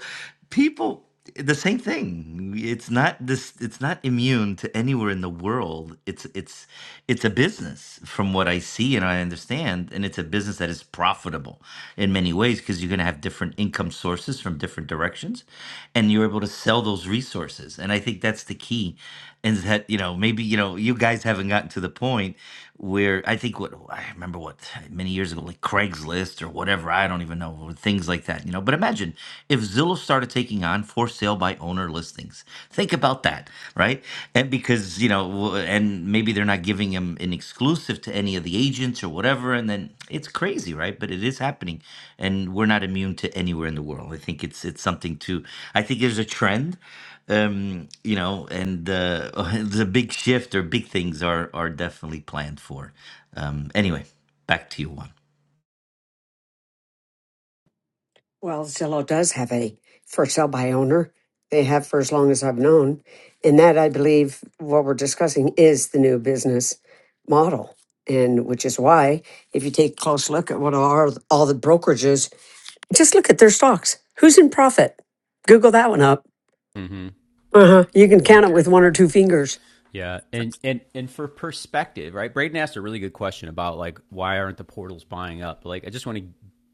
S15: people the same thing it's not this it's not immune to anywhere in the world it's it's it's a business from what i see and i understand and it's a business that is profitable in many ways because you're going to have different income sources from different directions and you're able to sell those resources and i think that's the key and that you know maybe you know you guys haven't gotten to the point where i think what i remember what many years ago like craigslist or whatever i don't even know even know, or things like that, you know. But imagine if Zillow started taking on for sale by owner listings. Think about that, right? And because, you know, w- and maybe they're not giving him an exclusive to any of the agents or whatever. And then it's crazy, right? But it is happening. And we're not immune to anywhere in the world. I think it's it's something to I think there's a trend um you know and uh the big shift or big things are are definitely planned for um anyway back to you Juan.
S2: Well, Zillow does have a for sale by owner. They have for as long as I've known, and that I believe what we're discussing is the new business model, and which is why if you take a close look at what are all the brokerages, just look at their stocks. Who's in profit? Google that one up.
S1: Mm-hmm.
S2: Uh-huh. You can
S1: Yeah.
S2: count it with one or two fingers
S1: Yeah, and and and for perspective, right? Braden asked a really good question about like why aren't the portals buying up? Like, I just want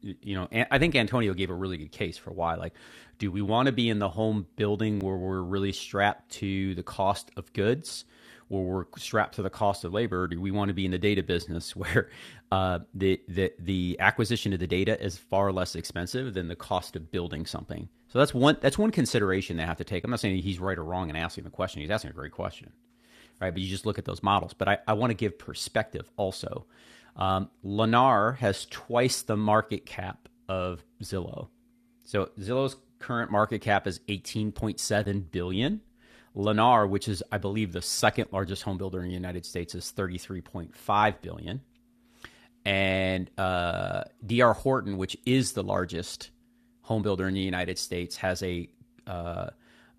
S1: to, you know, I think Antonio gave a really good case for why. Like, do we want to be in the home building where we're really strapped to the cost of goods? Where we're strapped to the cost of labor, or do we want to be in the data business where uh, the, the the acquisition of the data is far less expensive than the cost of building something? So that's one that's one consideration they have to take. I'm not saying he's right or wrong in asking the question. He's asking a great question right? But you just look at those models. But I, I want to give perspective also. Um, Lennar has twice the market cap of Zillow. So Zillow's current market cap is 18.7 billion. dollars. Lennar, which is I believe the second largest home builder in the United States, is 33.5 billion. dollars and uh, D.R. Horton, which is the largest home builder in the United States, has a uh,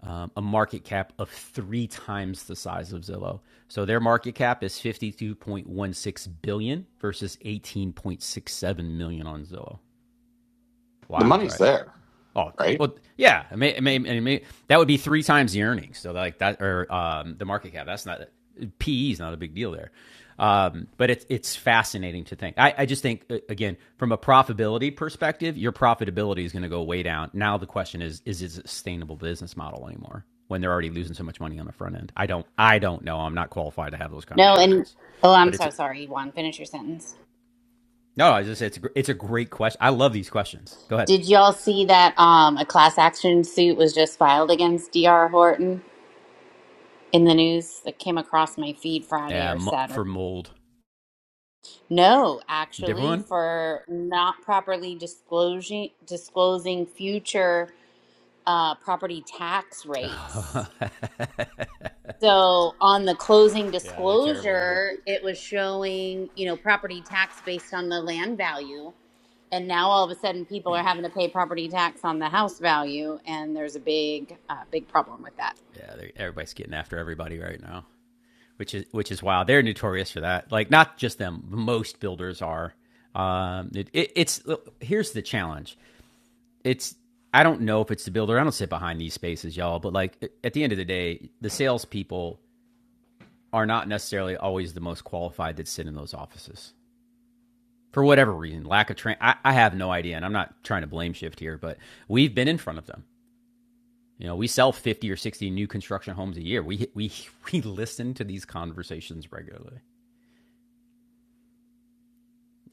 S1: um, a market cap of three times the size of Zillow. So their market cap is fifty two point one six billion versus eighteen point six seven million on Zillow.
S11: The
S1: Wild,
S11: money's
S1: right?
S11: there,
S1: Oh,
S11: right?
S1: well, yeah. It may, it may, it may, that would be three times the earnings. So like that, or um, the market cap. That's not PE is not a big deal there. Um, but it's it's fascinating to think. I, I just think uh, again from a profitability perspective, your profitability is going to go way down. Now the question is, is it a sustainable business model anymore when they're already losing so much money on the front end? I don't I don't know. I'm not qualified to have those
S4: No, and
S1: conversations.
S4: oh, I'm
S1: But it's
S4: so sorry, Juan. Finish your sentence.
S1: no, I just it's a it's a great question. I love these questions. Go ahead.
S4: Did y'all see that um, a class action suit was just filed against D.R. Horton in the news that came across my feed Friday or
S1: Um,
S4: Saturday?
S1: for mold,
S4: No,
S1: different
S4: actually,
S1: one.
S4: for not properly disclosing disclosing future uh, property tax rates.
S1: Oh.
S4: So on the closing
S1: Yeah, they're terrible at it.
S4: disclosure, it was showing, you know, property tax based on the land value. And now all of a sudden people are having to pay property tax on the house value. And there's a big, uh, big problem with that.
S1: Yeah, everybody's getting after everybody right now, which is which is wild. They're notorious for that. Like not just them, most builders are. Um, it, it, it's look, here's the challenge. It's I don't know if it's the builder. I don't sit behind these spaces, y'all. But like at the end of the day, the salespeople are not necessarily always the most qualified that sit in those offices for whatever reason. Lack of train. I, I have no idea, and I'm not trying to blame shift here, but we've been in front of them. You know, we sell 50 or 60 new construction homes a year. We we we listen to these conversations regularly.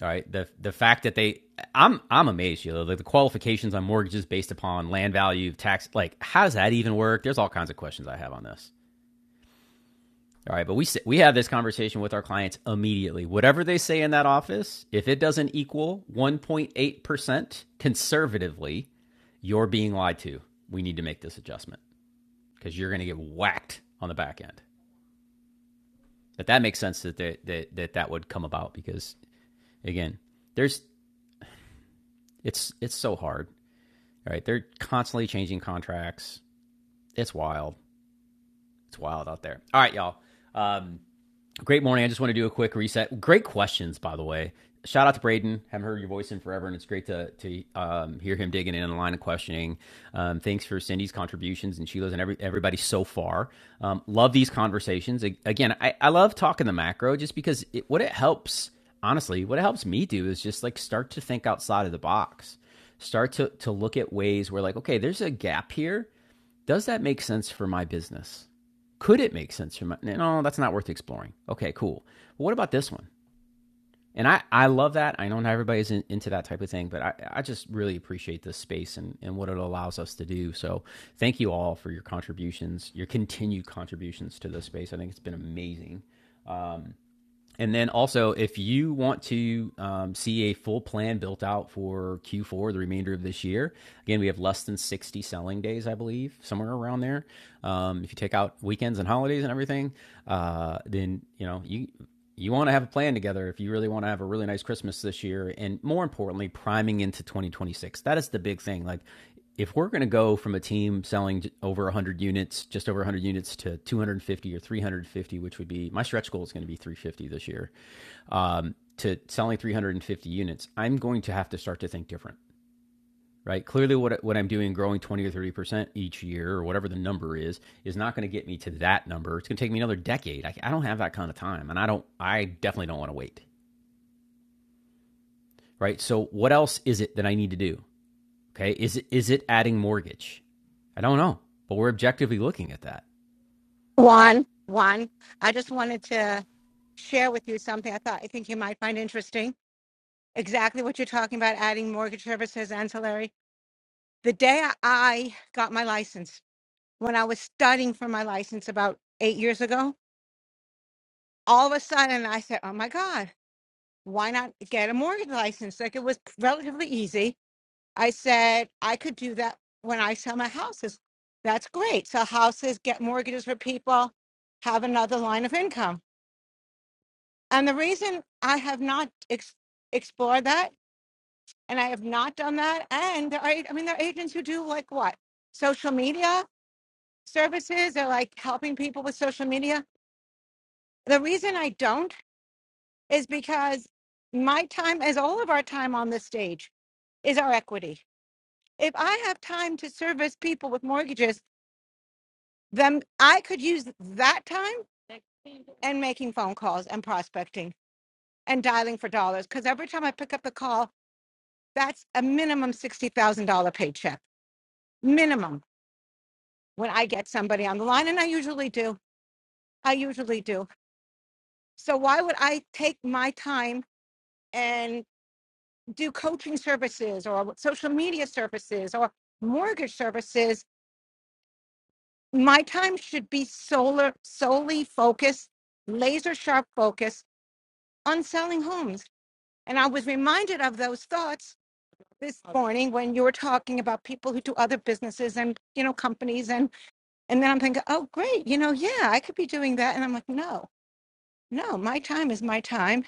S1: All right. The the fact that they I'm I'm amazed, you know, the, the qualifications on mortgages based upon land value, tax like how does that even work? There's all kinds of questions I have on this. All right, but we we have this conversation with our clients immediately. Whatever they say in that office, if it doesn't equal 1.8% conservatively, you're being lied to. We need to make this adjustment because you're going to get whacked on the back end. that that makes sense that they, that that that would come about because again, there's it's it's so hard. Right, right, they're constantly changing contracts. It's wild. It's wild out there. All right, y'all. Um, Great morning. I just want to do a quick reset. Great questions, by the way. Shout out to Braden. Haven't heard your voice in forever, and it's great to to um, hear him digging in on the line of questioning. Um, thanks for Cindy's contributions and Sheila's and every, everybody so far. Um, love these conversations. Again, I, I love talking the macro just because it, what it helps, honestly, what it helps me do is just like start to think outside of the box start to to look at ways where like okay there's a gap here does that make sense for my business? Could it make sense for my no, that's not worth exploring. Okay, cool. But what about this one? And I, I love that. I know not everybody's in, into that type of thing, but I, I just really appreciate this space and, and what it allows us to do. So thank you all for your contributions, your continued contributions to this space. I think it's been amazing. And then also, if you want to um, see a full plan built out for Q4, the remainder of this year, again, we have less than 60 selling days, I believe, somewhere around there. Um, if you take out weekends and holidays and everything, uh, then you know you you want to have a plan together if you really want to have a really nice Christmas this year, and more importantly, priming into 2026. That is the big thing. Like if we're going to go from a team selling over 100 units, just over 100 units to 250 or 350, which would be my stretch goal is going to be 350 this year, um, to selling 350 units, I'm going to have to start to think different, right? Clearly, what, what I'm doing, growing 20 or 30% each year or whatever the number is, is not going to get me to that number. It's going to take me another decade. I, I don't have that kind of time. And I don't, I definitely don't want to wait, right? So, what else is it that I need to do? Okay, is it is it adding mortgage? I don't know, but we're objectively looking at that.
S13: One, one. I just wanted to share with you something I thought I think you might find interesting. Exactly what you're talking about, adding mortgage services ancillary. The day I got my license, when I was studying for my license about eight years ago, all of a sudden I said, Oh my God, why not get a mortgage license? Like it was relatively easy. I said, I could do that when I sell my houses. That's great. Sell houses, get mortgages for people, have another line of income. And the reason I have not ex- explored that and I have not done that, and there are, I mean, there are agents who do like what? Social media services, they're like helping people with social media. The reason I don't is because my time, as all of our time on this stage, is our equity. If I have time to service people with mortgages, then I could use that time and making phone calls and prospecting and dialing for dollars. Because every time I pick up the call, that's a minimum $60,000 paycheck, minimum, when I get somebody on the line. And I usually do. I usually do. So why would I take my time? and? do coaching services or social media services or mortgage services, my time should be solar, solely focused, laser sharp focus on selling homes. And I was reminded of those thoughts this morning when you were talking about people who do other businesses and you know companies and and then I'm thinking, oh great, you know, yeah, I could be doing that. And I'm like, no, no, my time is my time.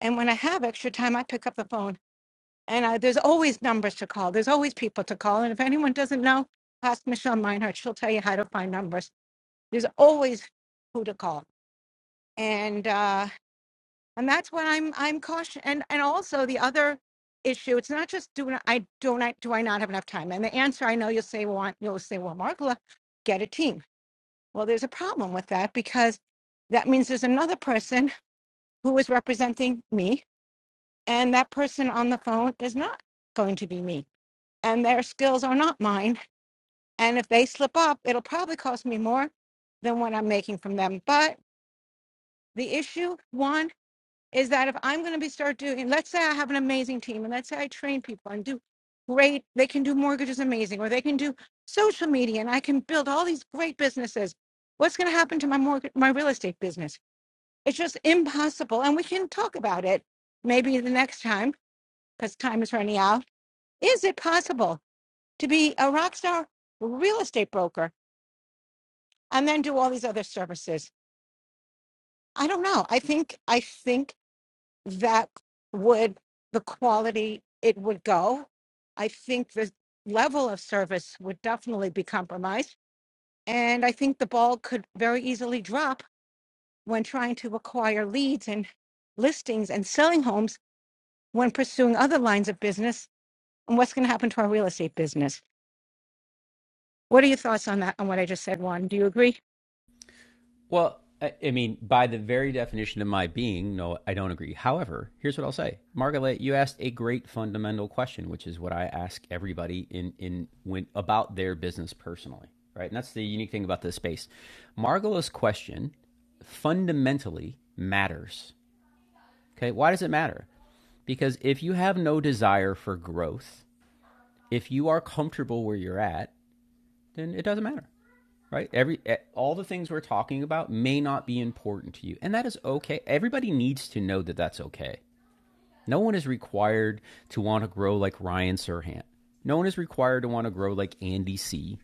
S13: And when I have extra time, I pick up the phone And I, there's always numbers to call. There's always people to call. And if anyone doesn't know, ask Michelle Meinhardt. She'll tell you how to find numbers. There's always who to call. And uh, and that's what I'm I'm cautious. And and also the other issue, it's not just do I do not do I not have enough time. And the answer I know you'll say Well, you'll say well Margola, get a team. Well, there's a problem with that because that means there's another person who is representing me, and that person on the phone is not going to be me and their skills are not mine. And if they slip up, it'll probably cost me more than what I'm making from them. But the issue, one, is that if I'm going to be start doing, let's say I have an amazing team, and let's say I train people and do great, they can do mortgages amazing, or they can do social media, and I can build all these great businesses. What's going to happen to my mortgage, my real estate business? It's just impossible. And we can talk about it maybe the next time because time is running out. Is it possible? to be a rock star real estate broker and then do all these other services i don't know i think i think that would the quality it would go i think the level of service would definitely be compromised and i think the ball could very easily drop when trying to acquire leads and listings and selling homes when pursuing other lines of business and what's going to happen to our real estate business what are your thoughts on that on what i just said juan do you agree
S1: Well, I, mean, by the very definition of my being, no, I don't agree. However, here's what I'll say, Margaret, you asked a great fundamental question, which is what I ask everybody in in when about their business personally, right? And that's the unique thing about this space. Margot's question fundamentally matters. Okay, why does it matter? Because if you have no desire for growth, if you are comfortable where you're at, then it doesn't matter, right? Every e, all the things we're talking about may not be important to you, and that is okay. Everybody needs to know that that's okay. No one is required to want to grow like Ryan Serhant. No one is required to want to grow like Andy C.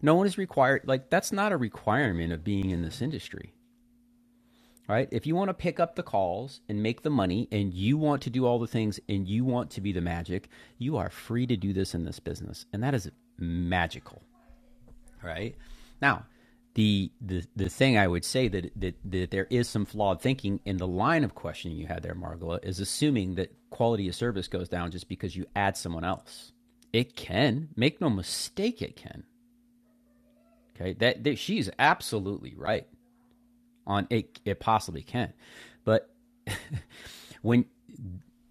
S1: No one is required like that's not a requirement of being in this industry, right? If you want to pick up the calls and make the money and you want to do all the things and you want to be the magic, you are free to do this in this business. And that is magical right? Now, the the the thing I would say that that, that there is some flawed thinking in the line of questioning you had there, Margola, is assuming that quality of service goes down just because you add someone else. It can make no mistake, it can. Okay, that, that she's absolutely right on it. It possibly can, but when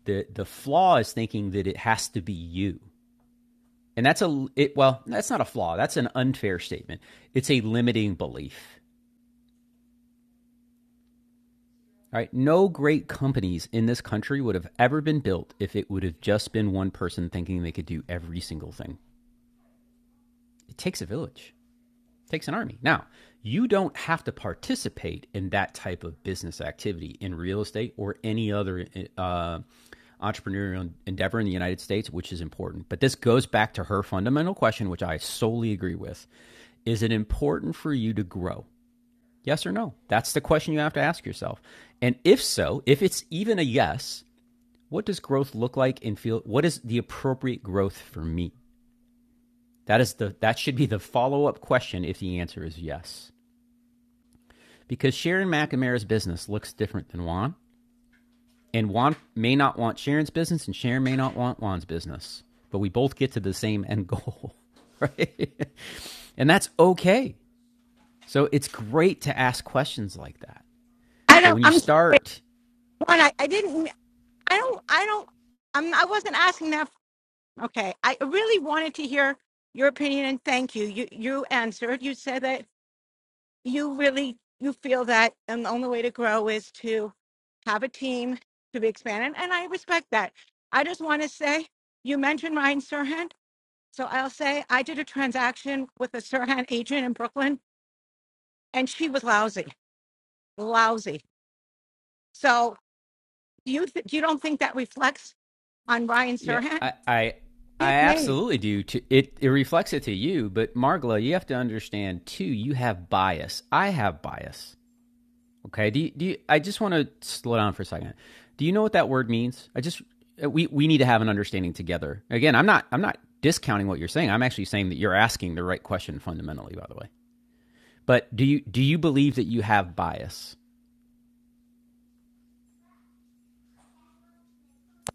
S1: the the flaw is thinking that it has to be you and that's a it well that's not a flaw that's an unfair statement it's a limiting belief All right. No great companies in this country would have ever been built if it would have just been one person thinking they could do every single thing. It takes a village, it takes an army. Now, you don't have to participate in that type of business activity in real estate or any other uh, entrepreneurial endeavor in the United States, which is important. But this goes back to her fundamental question, which I solely agree with. Is it important for you to grow? Yes or no? That's the question you have to ask yourself. And if so, if it's even a yes, what does growth look like and feel what is the appropriate growth for me that is the that should be the follow-up question if the answer is yes because sharon mcnamara's business looks different than juan and juan may not want sharon's business and sharon may not want juan's business but we both get to the same end goal right and that's okay so it's great to ask questions like that
S13: i
S1: but
S13: don't
S1: when you
S13: i'm sorry
S1: start
S13: One, I, I didn't. I don't. I don't. I'm. I wasn't asking that. Okay. I really wanted to hear your opinion, and thank you. You you answered. You said that you really you feel that, and the only way to grow is to have a team to be expanded, and I respect that. I just want to say you mentioned Ryan Serhant, so I'll say I did a transaction with a Serhant agent in Brooklyn, and she was lousy, lousy. So do you th- you don't think that reflects on Ryan
S1: Yeah,
S13: Serhant?
S1: I, I, I
S13: His name.
S1: absolutely do. To, it it reflects it to you, but Margla, you have to understand too. You have bias. I have bias. Okay. Do you, do you, I just want to slow down for a second? Do you know what that word means? I just uh, we we need to have an understanding together. Again, I'm not I'm not discounting what you're saying. I'm actually saying that you're asking the right question fundamentally. By the way, but do you do you believe that you have bias?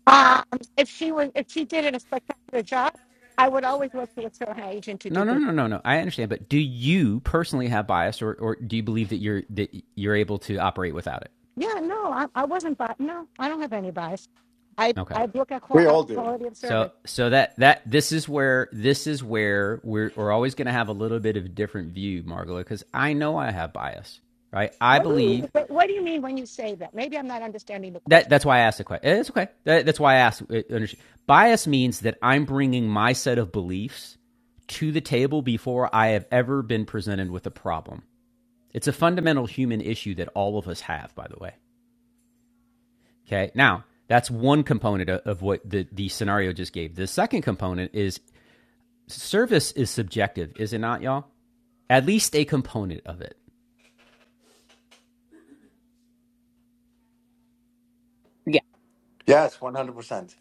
S13: Um, if she was, if she did it a spectacular job, I would always work with her and her agent to
S1: No,
S13: do
S1: no,
S13: business.
S1: no, no, no. I understand, but do you personally have bias, or, or do you believe that you're that you're able to operate without it?
S13: Yeah, no, I, I wasn't biased. No, I don't have any bias. I,
S1: Okay.
S13: I look at qual-
S3: We
S13: at
S3: all do.
S13: quality of
S1: So
S13: service.
S1: so that that this is where this is where we're we're always going to have a little bit of a different view, Margola, because I know I have bias, right? I
S13: What do you mean?
S1: believe
S13: What, what do you mean when you say that? Maybe I'm not understanding the question.
S1: that that's why I asked the question. It's okay. That, that's why I asked. uh, Bias means that I'm bringing my set of beliefs to the table before I have ever been presented with a problem. It's a fundamental human issue that all of us have, by the way. Okay. Now, that's one component of what the, the scenario just gave. The second component is service is subjective, is it not, y'all? At least a component of it.
S4: Yeah.
S3: Yes, 100%.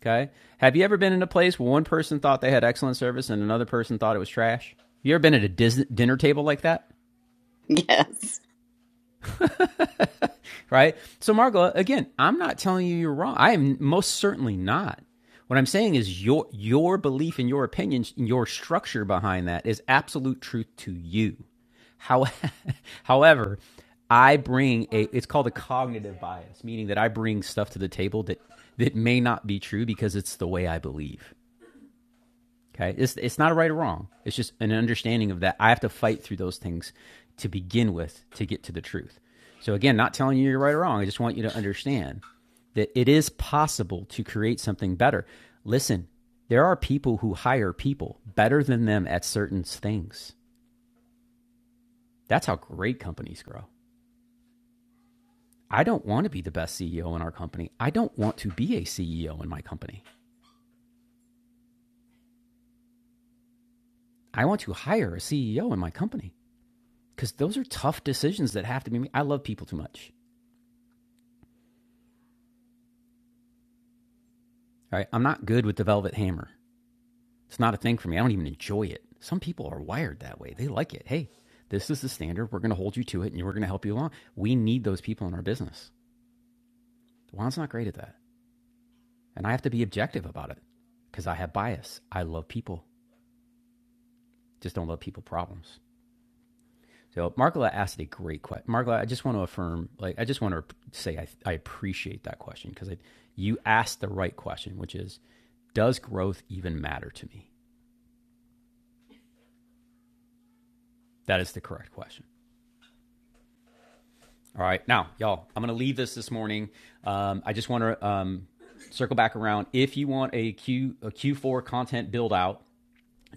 S1: Okay. Have you ever been in a place where one person thought they had excellent service and another person thought it was trash? You ever been at a dis- dinner table like that?
S4: Yes.
S1: right? So, Margola, again, I'm not telling you you're wrong. I am most certainly not. What I'm saying is your your belief and your opinion, your structure behind that is absolute truth to you. How, however, I bring a it's called a cognitive bias, meaning that I bring stuff to the table that that may not be true because it's the way I believe. Okay. It's, it's not a right or wrong. It's just an understanding of that. I have to fight through those things to begin with to get to the truth. So, again, not telling you you're right or wrong. I just want you to understand that it is possible to create something better. Listen, there are people who hire people better than them at certain things. That's how great companies grow. I don't want to be the best CEO in our company. I don't want to be a CEO in my company. I want to hire a CEO in my company because those are tough decisions that have to be made. I love people too much. All right. I'm not good with the velvet hammer. It's not a thing for me. I don't even enjoy it. Some people are wired that way. They like it. Hey, this is the standard. We're going to hold you to it and we're going to help you along. We need those people in our business. Juan's not great at that. And I have to be objective about it because I have bias. I love people, just don't love people problems. So Margola asked a great question. Margola, I just want to affirm, like, I just want to say I, I appreciate that question because you asked the right question, which is, does growth even matter to me? That is the correct question. All right. Now, y'all, I'm going to leave this this morning. Um, I just want to um, circle back around. If you want a, Q, a Q4 content build out,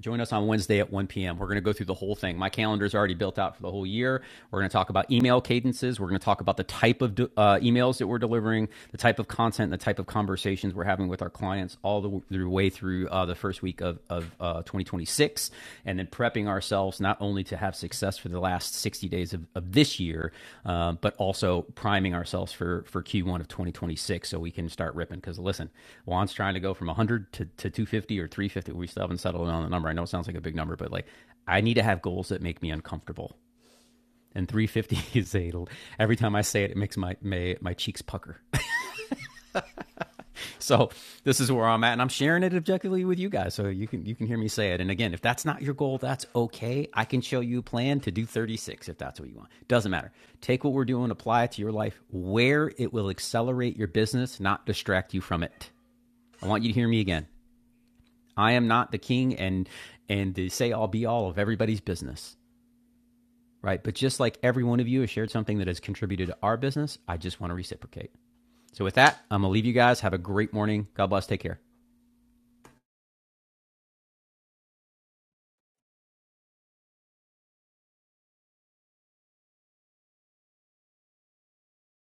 S1: join us on Wednesday at 1 p.m. We're going to go through the whole thing. My calendar's already built out for the whole year. We're going to talk about email cadences. We're going to talk about the type of uh, emails that we're delivering, the type of content, and the type of conversations we're having with our clients all the, way through uh, the first week of, of uh, 2026, and then prepping ourselves themselves not only to have success for the last 60 days of, of this year, uh, but also priming ourselves for, for Q1 of 2026 so we can start ripping. Because listen, Juan's trying to go from 100 to, to 250 or 350. We still haven't settled on the number. I know it sounds like a big number, but like I need to have goals that make me uncomfortable. And 350 is a, every time I say it, it makes my, my, my cheeks pucker. So this is where I'm at, and I'm sharing it objectively with you guys, so you can you can hear me say it. And again, if that's not your goal, that's okay. I can show you a plan to do 36 if that's what you want. Doesn't matter. Take what we're doing, apply it to your life, where it will accelerate your business, not distract you from it. I want you to hear me again. I am not the king and and the say all be all of everybody's business, right? But just like every one of you has shared something that has contributed to our business, I just want to reciprocate. So with that, I'm gonna leave you guys. Have a great morning. God bless. Take care.